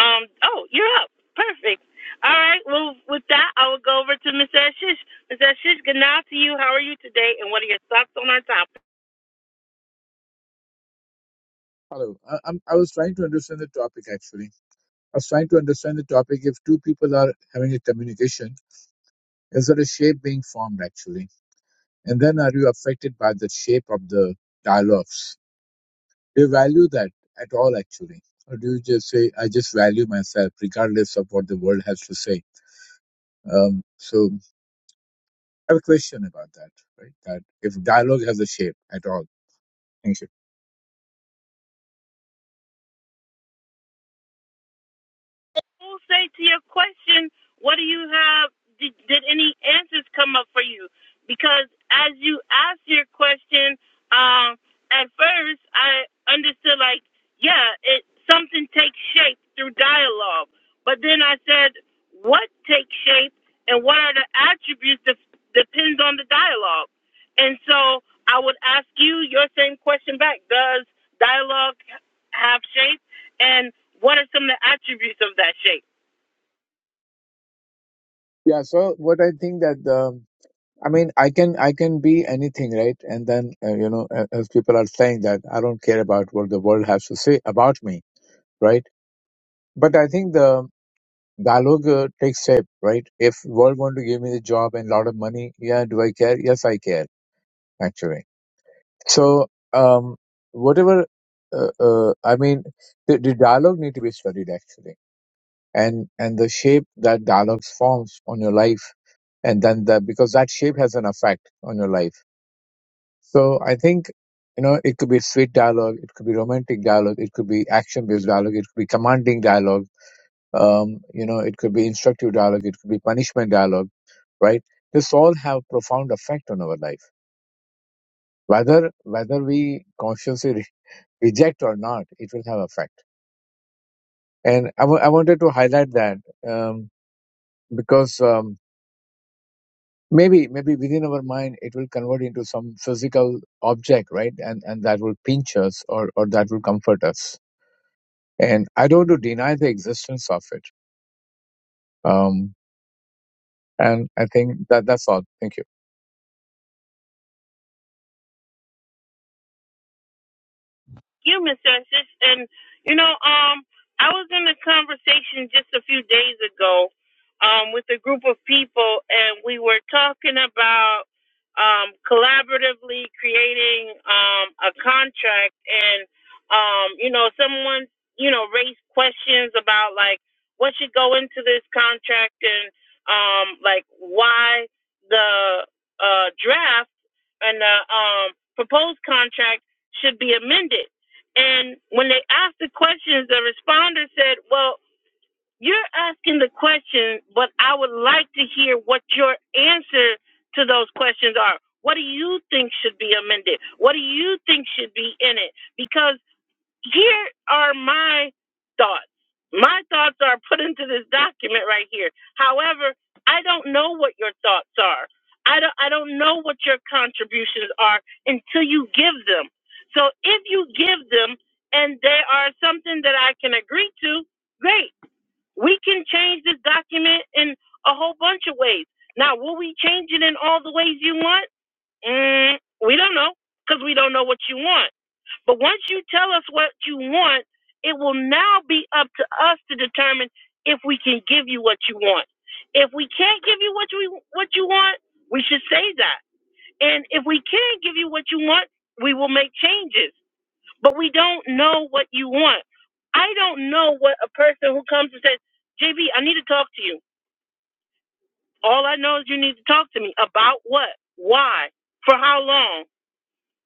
Um, oh, you're up. Perfect. All right. Well, with that, I will go over to Mr. Ashish. Mr. Ashish, good night to you. How are you today? And what are your thoughts on our topic?
Hello. I, I'm, I was trying to understand the topic actually. I was trying to understand the topic if two people are having a communication, is there a shape being formed actually? And then are you affected by the shape of the dialogues? Do you value that at all actually? Or do you just say, I just value myself regardless of what the world has to say? Um, so I have a question about that, right? That if dialogue has a shape at all. Thank you.
will say to your question, what do you have? Did, did any answers come up for you? Because as you asked your question, um, at first I understood like, yeah, it something takes shape through dialogue. But then I said, what takes shape and what are the attributes that depends on the dialogue? And so I would ask you your same question back. Does dialogue have shape? And what are some of the attributes of that shape?
Yeah, so what I think that the I mean, I can I can be anything, right? And then uh, you know, a- as people are saying that, I don't care about what the world has to say about me, right? But I think the dialogue uh, takes shape, right? If world want to give me the job and lot of money, yeah, do I care? Yes, I care actually. So um, whatever, uh, uh, I mean, the, the dialogue need to be studied actually, and and the shape that dialogues forms on your life, and then the because that shape has an effect on your life So I think, you know, it could be sweet dialogue, it could be romantic dialogue, it could be action based dialogue, it could be commanding dialogue, um, you know, it could be instructive dialogue, it could be punishment dialogue, right? This all have profound effect on our life. Whether whether we consciously re- reject or not, it will have effect. And I wa- I wanted to highlight that um, because um, maybe maybe within our mind it will convert into some physical object, right? And and that will pinch us or or that will comfort us and I don't want to deny the existence of it. Um, and I think that that's all. Thank you.
human senses. And you know, um, I was in a conversation just a few days ago, um, with a group of people, and we were talking about um, collaboratively creating um, a contract, and um, you know, someone you know raised questions about like what should go into this contract and um, like why the uh, draft and the um, proposed contract should be amended. And when they asked the questions, the responder said, Well, you're asking the question, but I would like to hear what your answer to those questions are. What do you think should be amended? What do you think should be in it? Because here are my thoughts. My thoughts are put into this document right here. However, I don't know what your thoughts are. I don't, I don't know what your contributions are until you give them. So if you give them and they are something that I can agree to, great. We can change this document in a whole bunch of ways. Now, will we change it in all the ways you want? Mm, we don't know because we don't know what you want. But once you tell us what you want, it will now be up to us to determine if we can give you what you want. If we can't give you what you what you want, we should say that. And if we can give you what you want, we will make changes. But we don't know what you want. I don't know what a person who comes and says, "JB, I need to talk to you." All I know is you need to talk to me about what, why, for how long.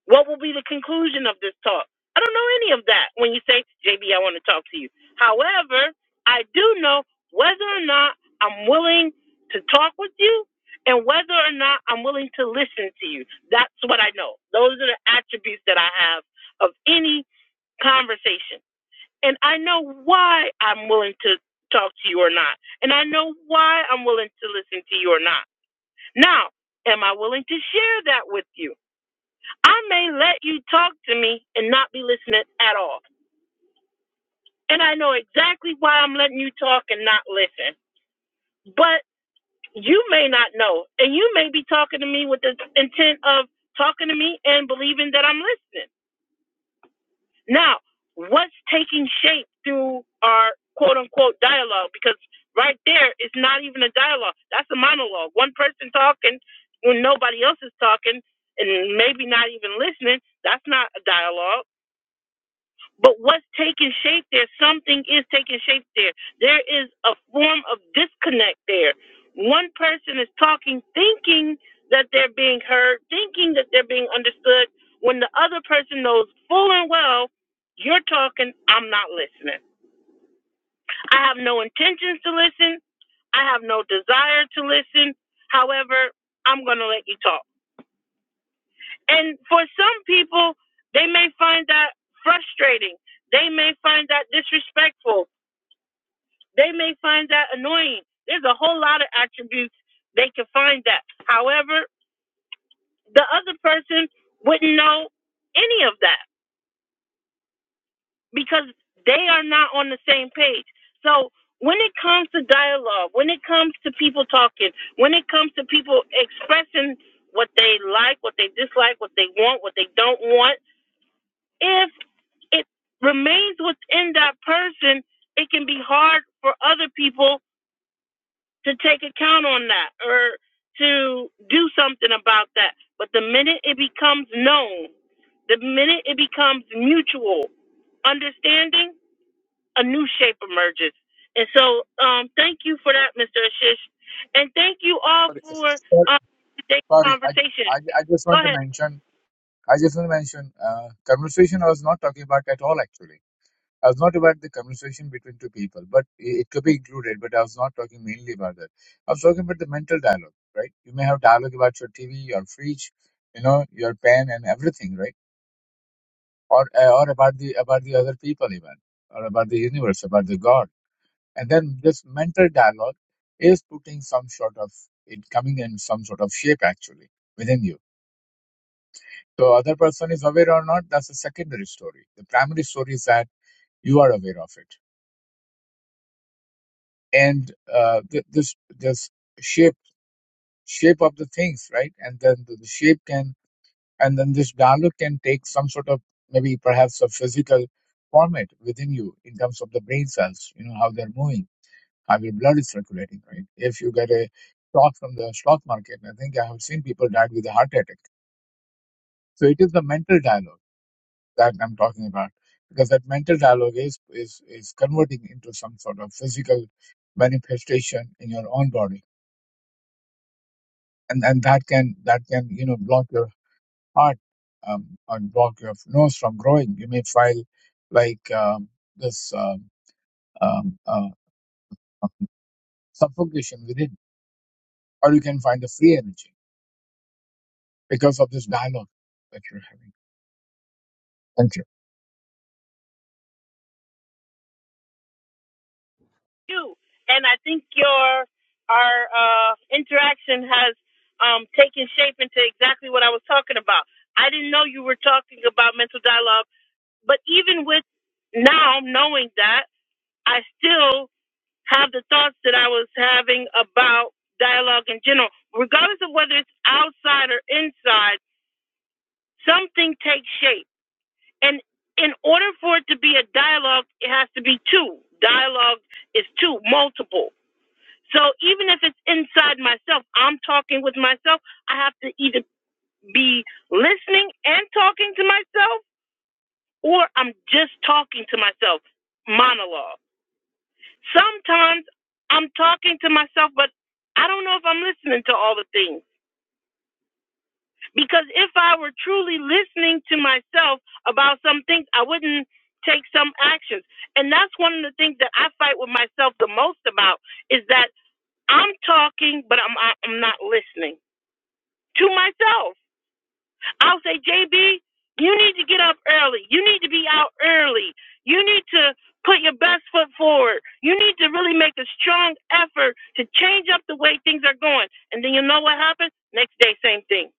What will be the conclusion of this talk? I don't know any of that when you say, JB, I want to talk to you. However, I do know whether or not I'm willing to talk with you and whether or not I'm willing to listen to you. That's what I know. Those are the attributes that I have of any conversation. And I know why I'm willing to talk to you or not. And I know why I'm willing to listen to you or not. Now, am I willing to share that with you? I may let you talk to me and not be listening at all. And I know exactly why I'm letting you talk and not listen. But you may not know. And you may be talking to me with the intent of talking to me and believing that I'm listening. Now, what's taking shape through our quote unquote dialogue? Because right there, it's not even a dialogue. That's a monologue. One person talking when nobody else is talking and maybe not even listening. That's not a dialogue But what's taking shape there, something is taking shape there. There is a form of disconnect there. One person is talking, thinking that they're being heard, thinking that they're being understood, when the other person knows full and well, you're talking, I'm not listening. I have no intentions to listen. I have no desire to listen. However, I'm going to let you talk. And for some people, they may find that frustrating. They may find that disrespectful They may find that annoying. There's a whole lot of attributes they can find that. However, the other person wouldn't know any of that because they are not on the same page. So when it comes to dialogue, when it comes to people talking, when it comes to people expressing what they like, what they dislike, what they want, what they don't want, if it remains within that person, it can be hard for other people to take account on that or to do something about that. But the minute it becomes known, the minute it becomes mutual understanding, a new shape emerges. And so, um, thank you for that, Mr. Ashish. And thank you all
Sorry,
for
sorry,
um, today's
sorry, I, I,
conversation.
I just
Go
want to
ahead,
mention, I just want to mention, uh, conversation I was not talking about at all actually. I was not about the conversation between two people, but i- it could be included, but I was not talking mainly about that. I was talking about the mental dialogue, right? You may have dialogue about your TV, your fridge, you know, your pen and everything, right? Or, uh, or about the, about the other people even, or about the universe, about the God And then this mental dialogue is putting some sort of it coming in some sort of shape actually within you. So other person is aware or not, that's a secondary story. The primary story is that you are aware of it, and uh, th- this this shape shape of the things, right? And then the, the shape can and then this dialogue can take some sort of maybe perhaps a physical format within you in terms of the brain cells, you know how they're moving have your blood is circulating, right? If you get a shock from the stock market, I think I have seen people died with a heart attack. So it is the mental dialogue that I'm talking about because that mental dialogue is is is converting into some sort of physical manifestation in your own body, and and that can that can you know block your heart um, and block your nose from growing. You may feel like um, this um, um, uh, um, suffocation within, or you can find the free energy because of this dialogue that you're having. Thank you.
you. And I think your our uh, interaction has um, taken shape into exactly what I was talking about. I didn't know you were talking about mental dialogue But even with now knowing that, I still have the thoughts that I was having about dialogue in general. Regardless of whether it's outside or inside, something takes shape. And in order for it to be a dialogue, it has to be two. Dialogue is two, multiple. So even if it's inside myself, I'm talking with myself, I have to either be listening and talking to myself, or I'm just talking to myself monologue. Sometimes I'm talking to myself, but I don't know if I'm listening to all the things. Because if I were truly listening to myself about some things, I wouldn't take some actions. And that's one of the things that I fight with myself the most about is that I'm talking, but I'm, I'm not listening to myself. I'll say, JB, you need to get up early. You need to be out early. You need to put your best foot forward. You need to really make a strong effort to change up the way things are going. And then you know what happens? Next day, same thing.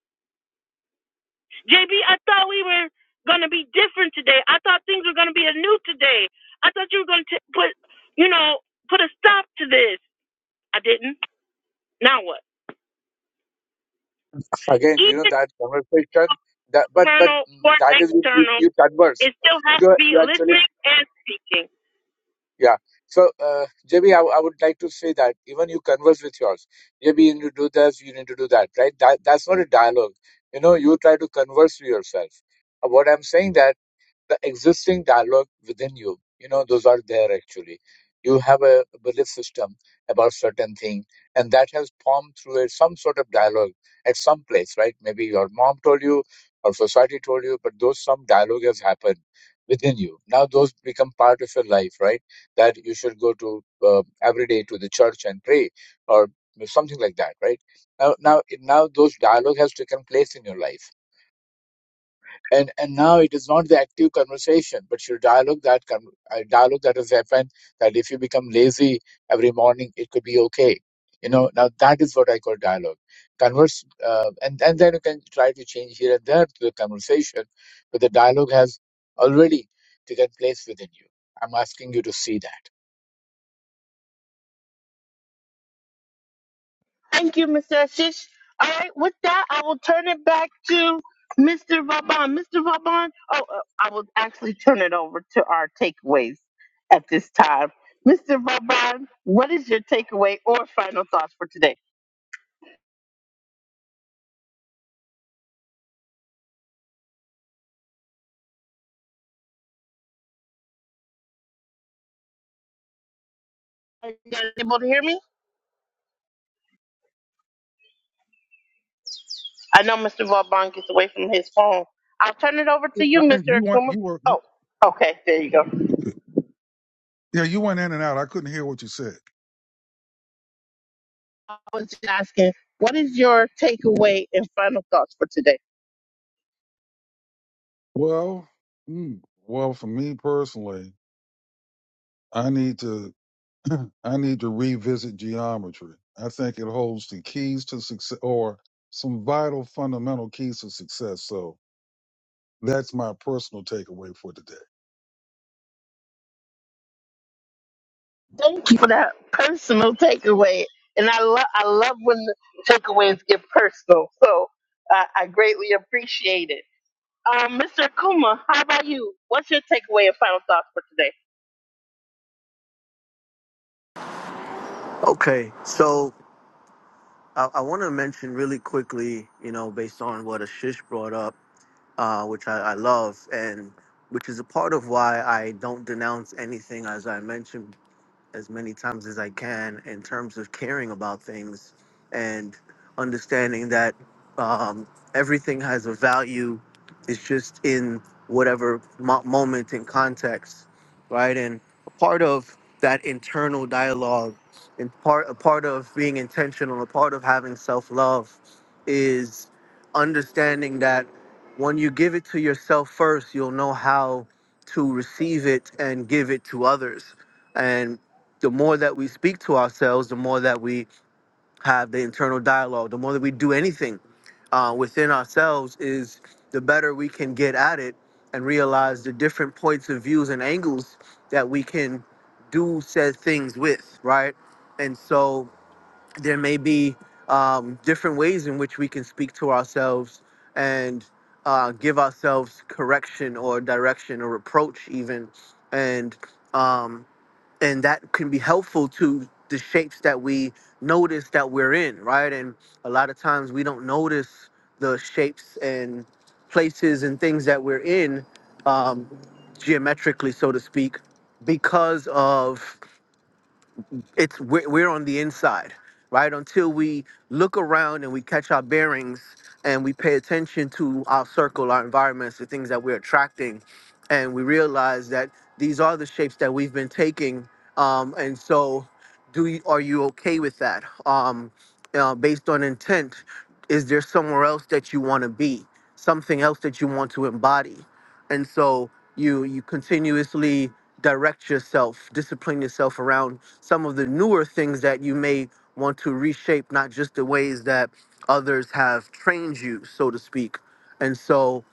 JB, I thought we were going to be different today. I thought things were going to be anew today. I thought you were going to put, you know, put a stop to this. I didn't. Now what?
Again, you know
Even
that conversation. That but but
internal or
that is with, with
external,
you converse.
it still has
You
to
are-
be
you actually
listening and speaking.
yeah. So uh, JB, I, I would like to say that even you converse with yours. JB, you need to do this. You need to do that. Right? That that's not a dialogue. You know, you try to converse with yourself. Uh, What I'm saying that. the existing dialogue within you you know those are there actually you have a belief system about certain thing and that has formed through a, some sort of dialogue at some place right maybe your mom told you or society told you but those some dialogue has happened within you now those become part of your life right that you should go to uh, every day to the church and pray or something like that right now now now those dialogue has taken place in your life and and now it is not the active conversation but your dialogue that con- uh, dialogue that has happened that if you become lazy every morning it could be okay you know now that is what i call dialogue converse uh, and and then you can try to change here and there to the conversation but the dialogue has already taken place within you i'm asking you to see that
Thank you, Mr. Ashish. All right, with that, I will turn it back to Mr. Vaban. Mr. Vaban, oh, uh, I will actually turn it over to our takeaways at this time. Mr. Vaban, what is your takeaway or final thoughts for today? Are you guys able to hear me? I know Mr. Vaban gets away from his phone. I'll turn it over to
I
you,
mean,
Mr.
you want
Akuma.
you were
Oh,
You,
okay, there you go. I
Yeah, you went in and out. I couldn't hear what you said.
was just asking, what is your takeaway and final thoughts for today?
Well, mm, well, for me personally, I need to I need to revisit geometry. I think it holds the keys to success or some vital fundamental keys to success. So that's my personal takeaway for today.
Thank you for that personal takeaway. And I love I love when the takeaways get personal. So I I greatly appreciate it. Um, Mr. Akuma, how about you? What's your takeaway and final thoughts for today?
Okay, so I, I want to mention really quickly, you know, based on what Ashish brought up, uh, which I, I love, and which is a part of why I don't denounce anything, as I mentioned as many times as I can in terms of caring about things and understanding that um, everything has a value. It's just in whatever mo- moment and context, right? And a part of that internal dialogue, and part a part of being intentional, a part of having self love, is understanding that when you give it to yourself first, you'll know how to receive it and give it to others and the more that we speak to ourselves, the more that we have the internal dialogue, the more that we do anything uh, within ourselves, is the better we can get at it and realize the different points of views and angles that we can do said things with, right? And so there may be um, different ways in which we can speak to ourselves and uh, give ourselves correction or direction or reproach, even. And um, and that can be helpful to the shapes that we notice that we're in right and a lot of times we don't notice the shapes and places and things that we're in um, geometrically so to speak because of it's we're, we're on the inside right until we look around and we catch our bearings and we pay attention to our circle our environments the things that we're attracting and we realize that these are the shapes that we've been taking um, and so do you, are you okay with that um, uh, based on intent is there somewhere else that you want to be something else that you want to embody and so you you continuously direct yourself discipline yourself around some of the newer things that you may want to reshape not just the ways that others have trained you so to speak and so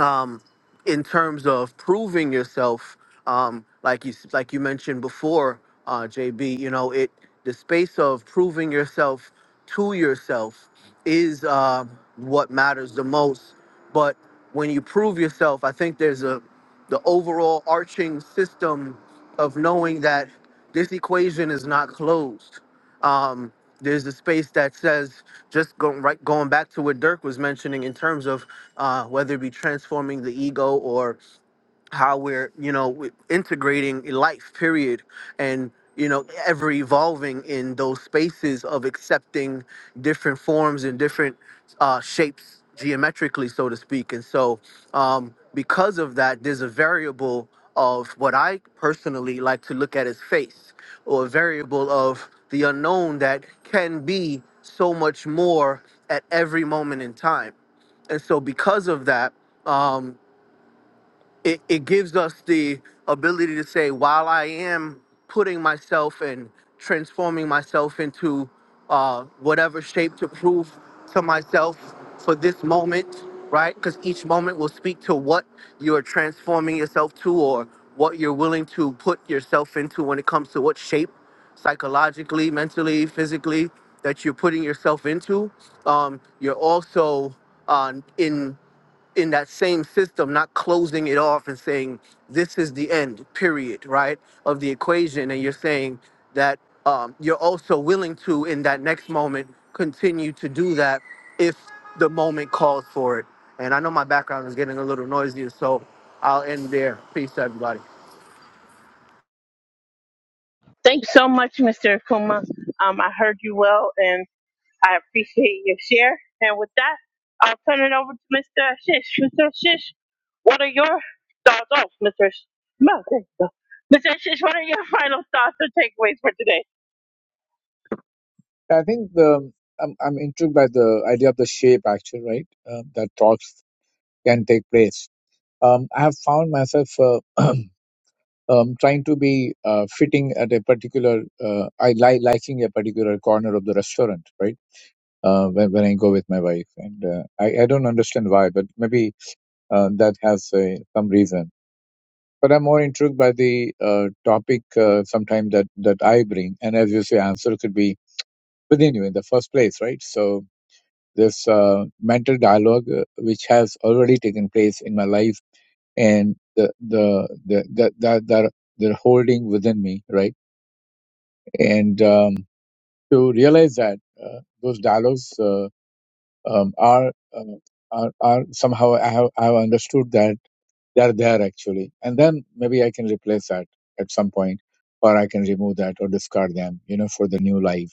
um, in terms of proving yourself, um, like you like you mentioned before, uh, JB, you know, it the space of proving yourself to yourself is uh, what matters the most. But when you prove yourself, I think there's a the overall arching system of knowing that this equation is not closed um, there's a space that says just going right going back to what Dirk was mentioning in terms of uh, whether it be transforming the ego or how we're you know w- integrating life period and you know ever evolving in those spaces of accepting different forms and different uh, shapes geometrically so to speak and so um, because of that there's a variable of what i personally like to look at as face or a variable of the unknown that can be so much more at every moment in time and so because of that um, it, it gives us the ability to say while i am putting myself and transforming myself into uh, whatever shape to prove to myself for this moment right because each moment will speak to what you're transforming yourself to or what you're willing to put yourself into when it comes to what shape psychologically mentally physically that you're putting yourself into um, you're also uh, in in that same system, not closing it off and saying this is the end, period, right, of the equation. And you're saying that um, you're also willing to, in that next moment, continue to do that if the moment calls for it. And I know my background is getting a little noisier, so I'll end there. Peace, to everybody.
Thank you so much, Mr. Akuma. Um, I heard you well, and I appreciate your share. And with that, I'll turn it over to Mr. Shish. Mr. Shish, what are your thoughts? Oh, Mr. Sh- no, there you go. Mr. Shish, what are your final thoughts or takeaways for today?
I think the I'm, I'm intrigued by the idea of the shape, actually, right? Um, that talks can take place. Um, I have found myself. Uh, um, trying to be uh, fitting at a particular, uh, I like liking a particular corner of the restaurant, right? Uh, when, when I go with my wife, and uh, I, I don't understand why, but maybe uh, that has uh, some reason. But I'm more intrigued by the uh, topic uh, sometime that that I bring, and as you say, answer could be within you in the first place, right? So this uh, mental dialogue, uh, which has already taken place in my life, and the the the the, the, the, the holding within me, right? and um, to realize that uh, those dialogues uh, um, are, uh, are are somehow I have I have understood that they're there actually, and then maybe I can replace that at some point, or I can remove that or discard them, you know, for the new life.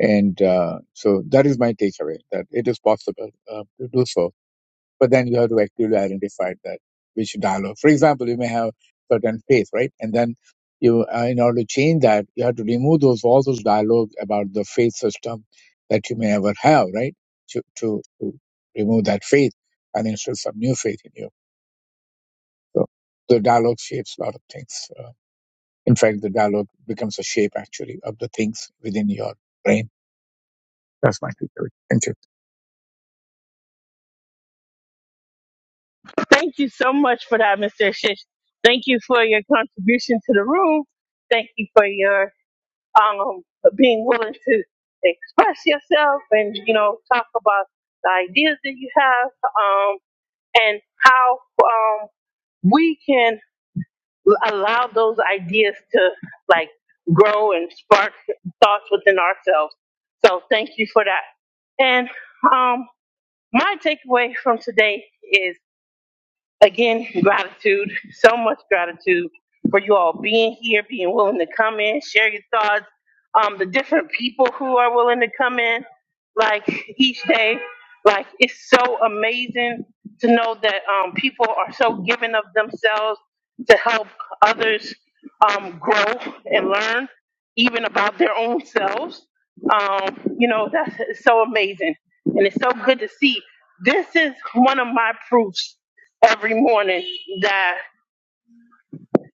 And uh, so that is my takeaway that it is possible uh, to do so but then you have to actively identify that which dialogue. For example, you may have certain faith, right? And then you, uh, in order to change that, you have to remove those all those dialogues about the faith system that you may ever have, right? To to, to remove that faith and instill some new faith in you. So the dialogue shapes a lot of things. Uh, in fact, the dialogue becomes a shape actually of the things within your brain. That's my theory. Thank you.
Thank you so much for that, Mr. Ashish. Thank you for your contribution to the room. Thank you for your um being willing to express yourself and you know talk about the ideas that you have um and how um we can allow those ideas to like grow and spark thoughts within ourselves. So thank you for that. And um my takeaway from today Again, gratitude, so much gratitude for you all being here, being willing to come in, share your thoughts. Um, the different people who are willing to come in, like each day, like it's so amazing to know that um, people are so giving of themselves to help others um, grow and learn, even about their own selves. Um, you know, that's it's so amazing, and it's so good to see. This is one of my proofs every morning that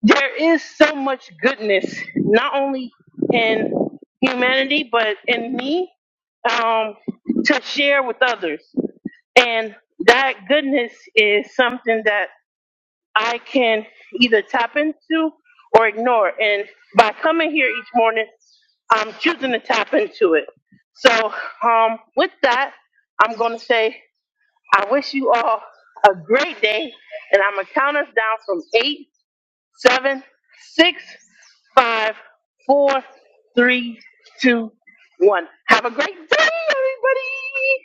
there is so much goodness, not only in humanity, but in me um, to share with others. And that goodness is something that I can either tap into or ignore. And by coming here each morning, I'm choosing to tap into it. So, um, with that, I'm going to say I wish you all a great day, and I'm going to count us down from eight seven, six, five, four, three, two, one. Have a great day, everybody.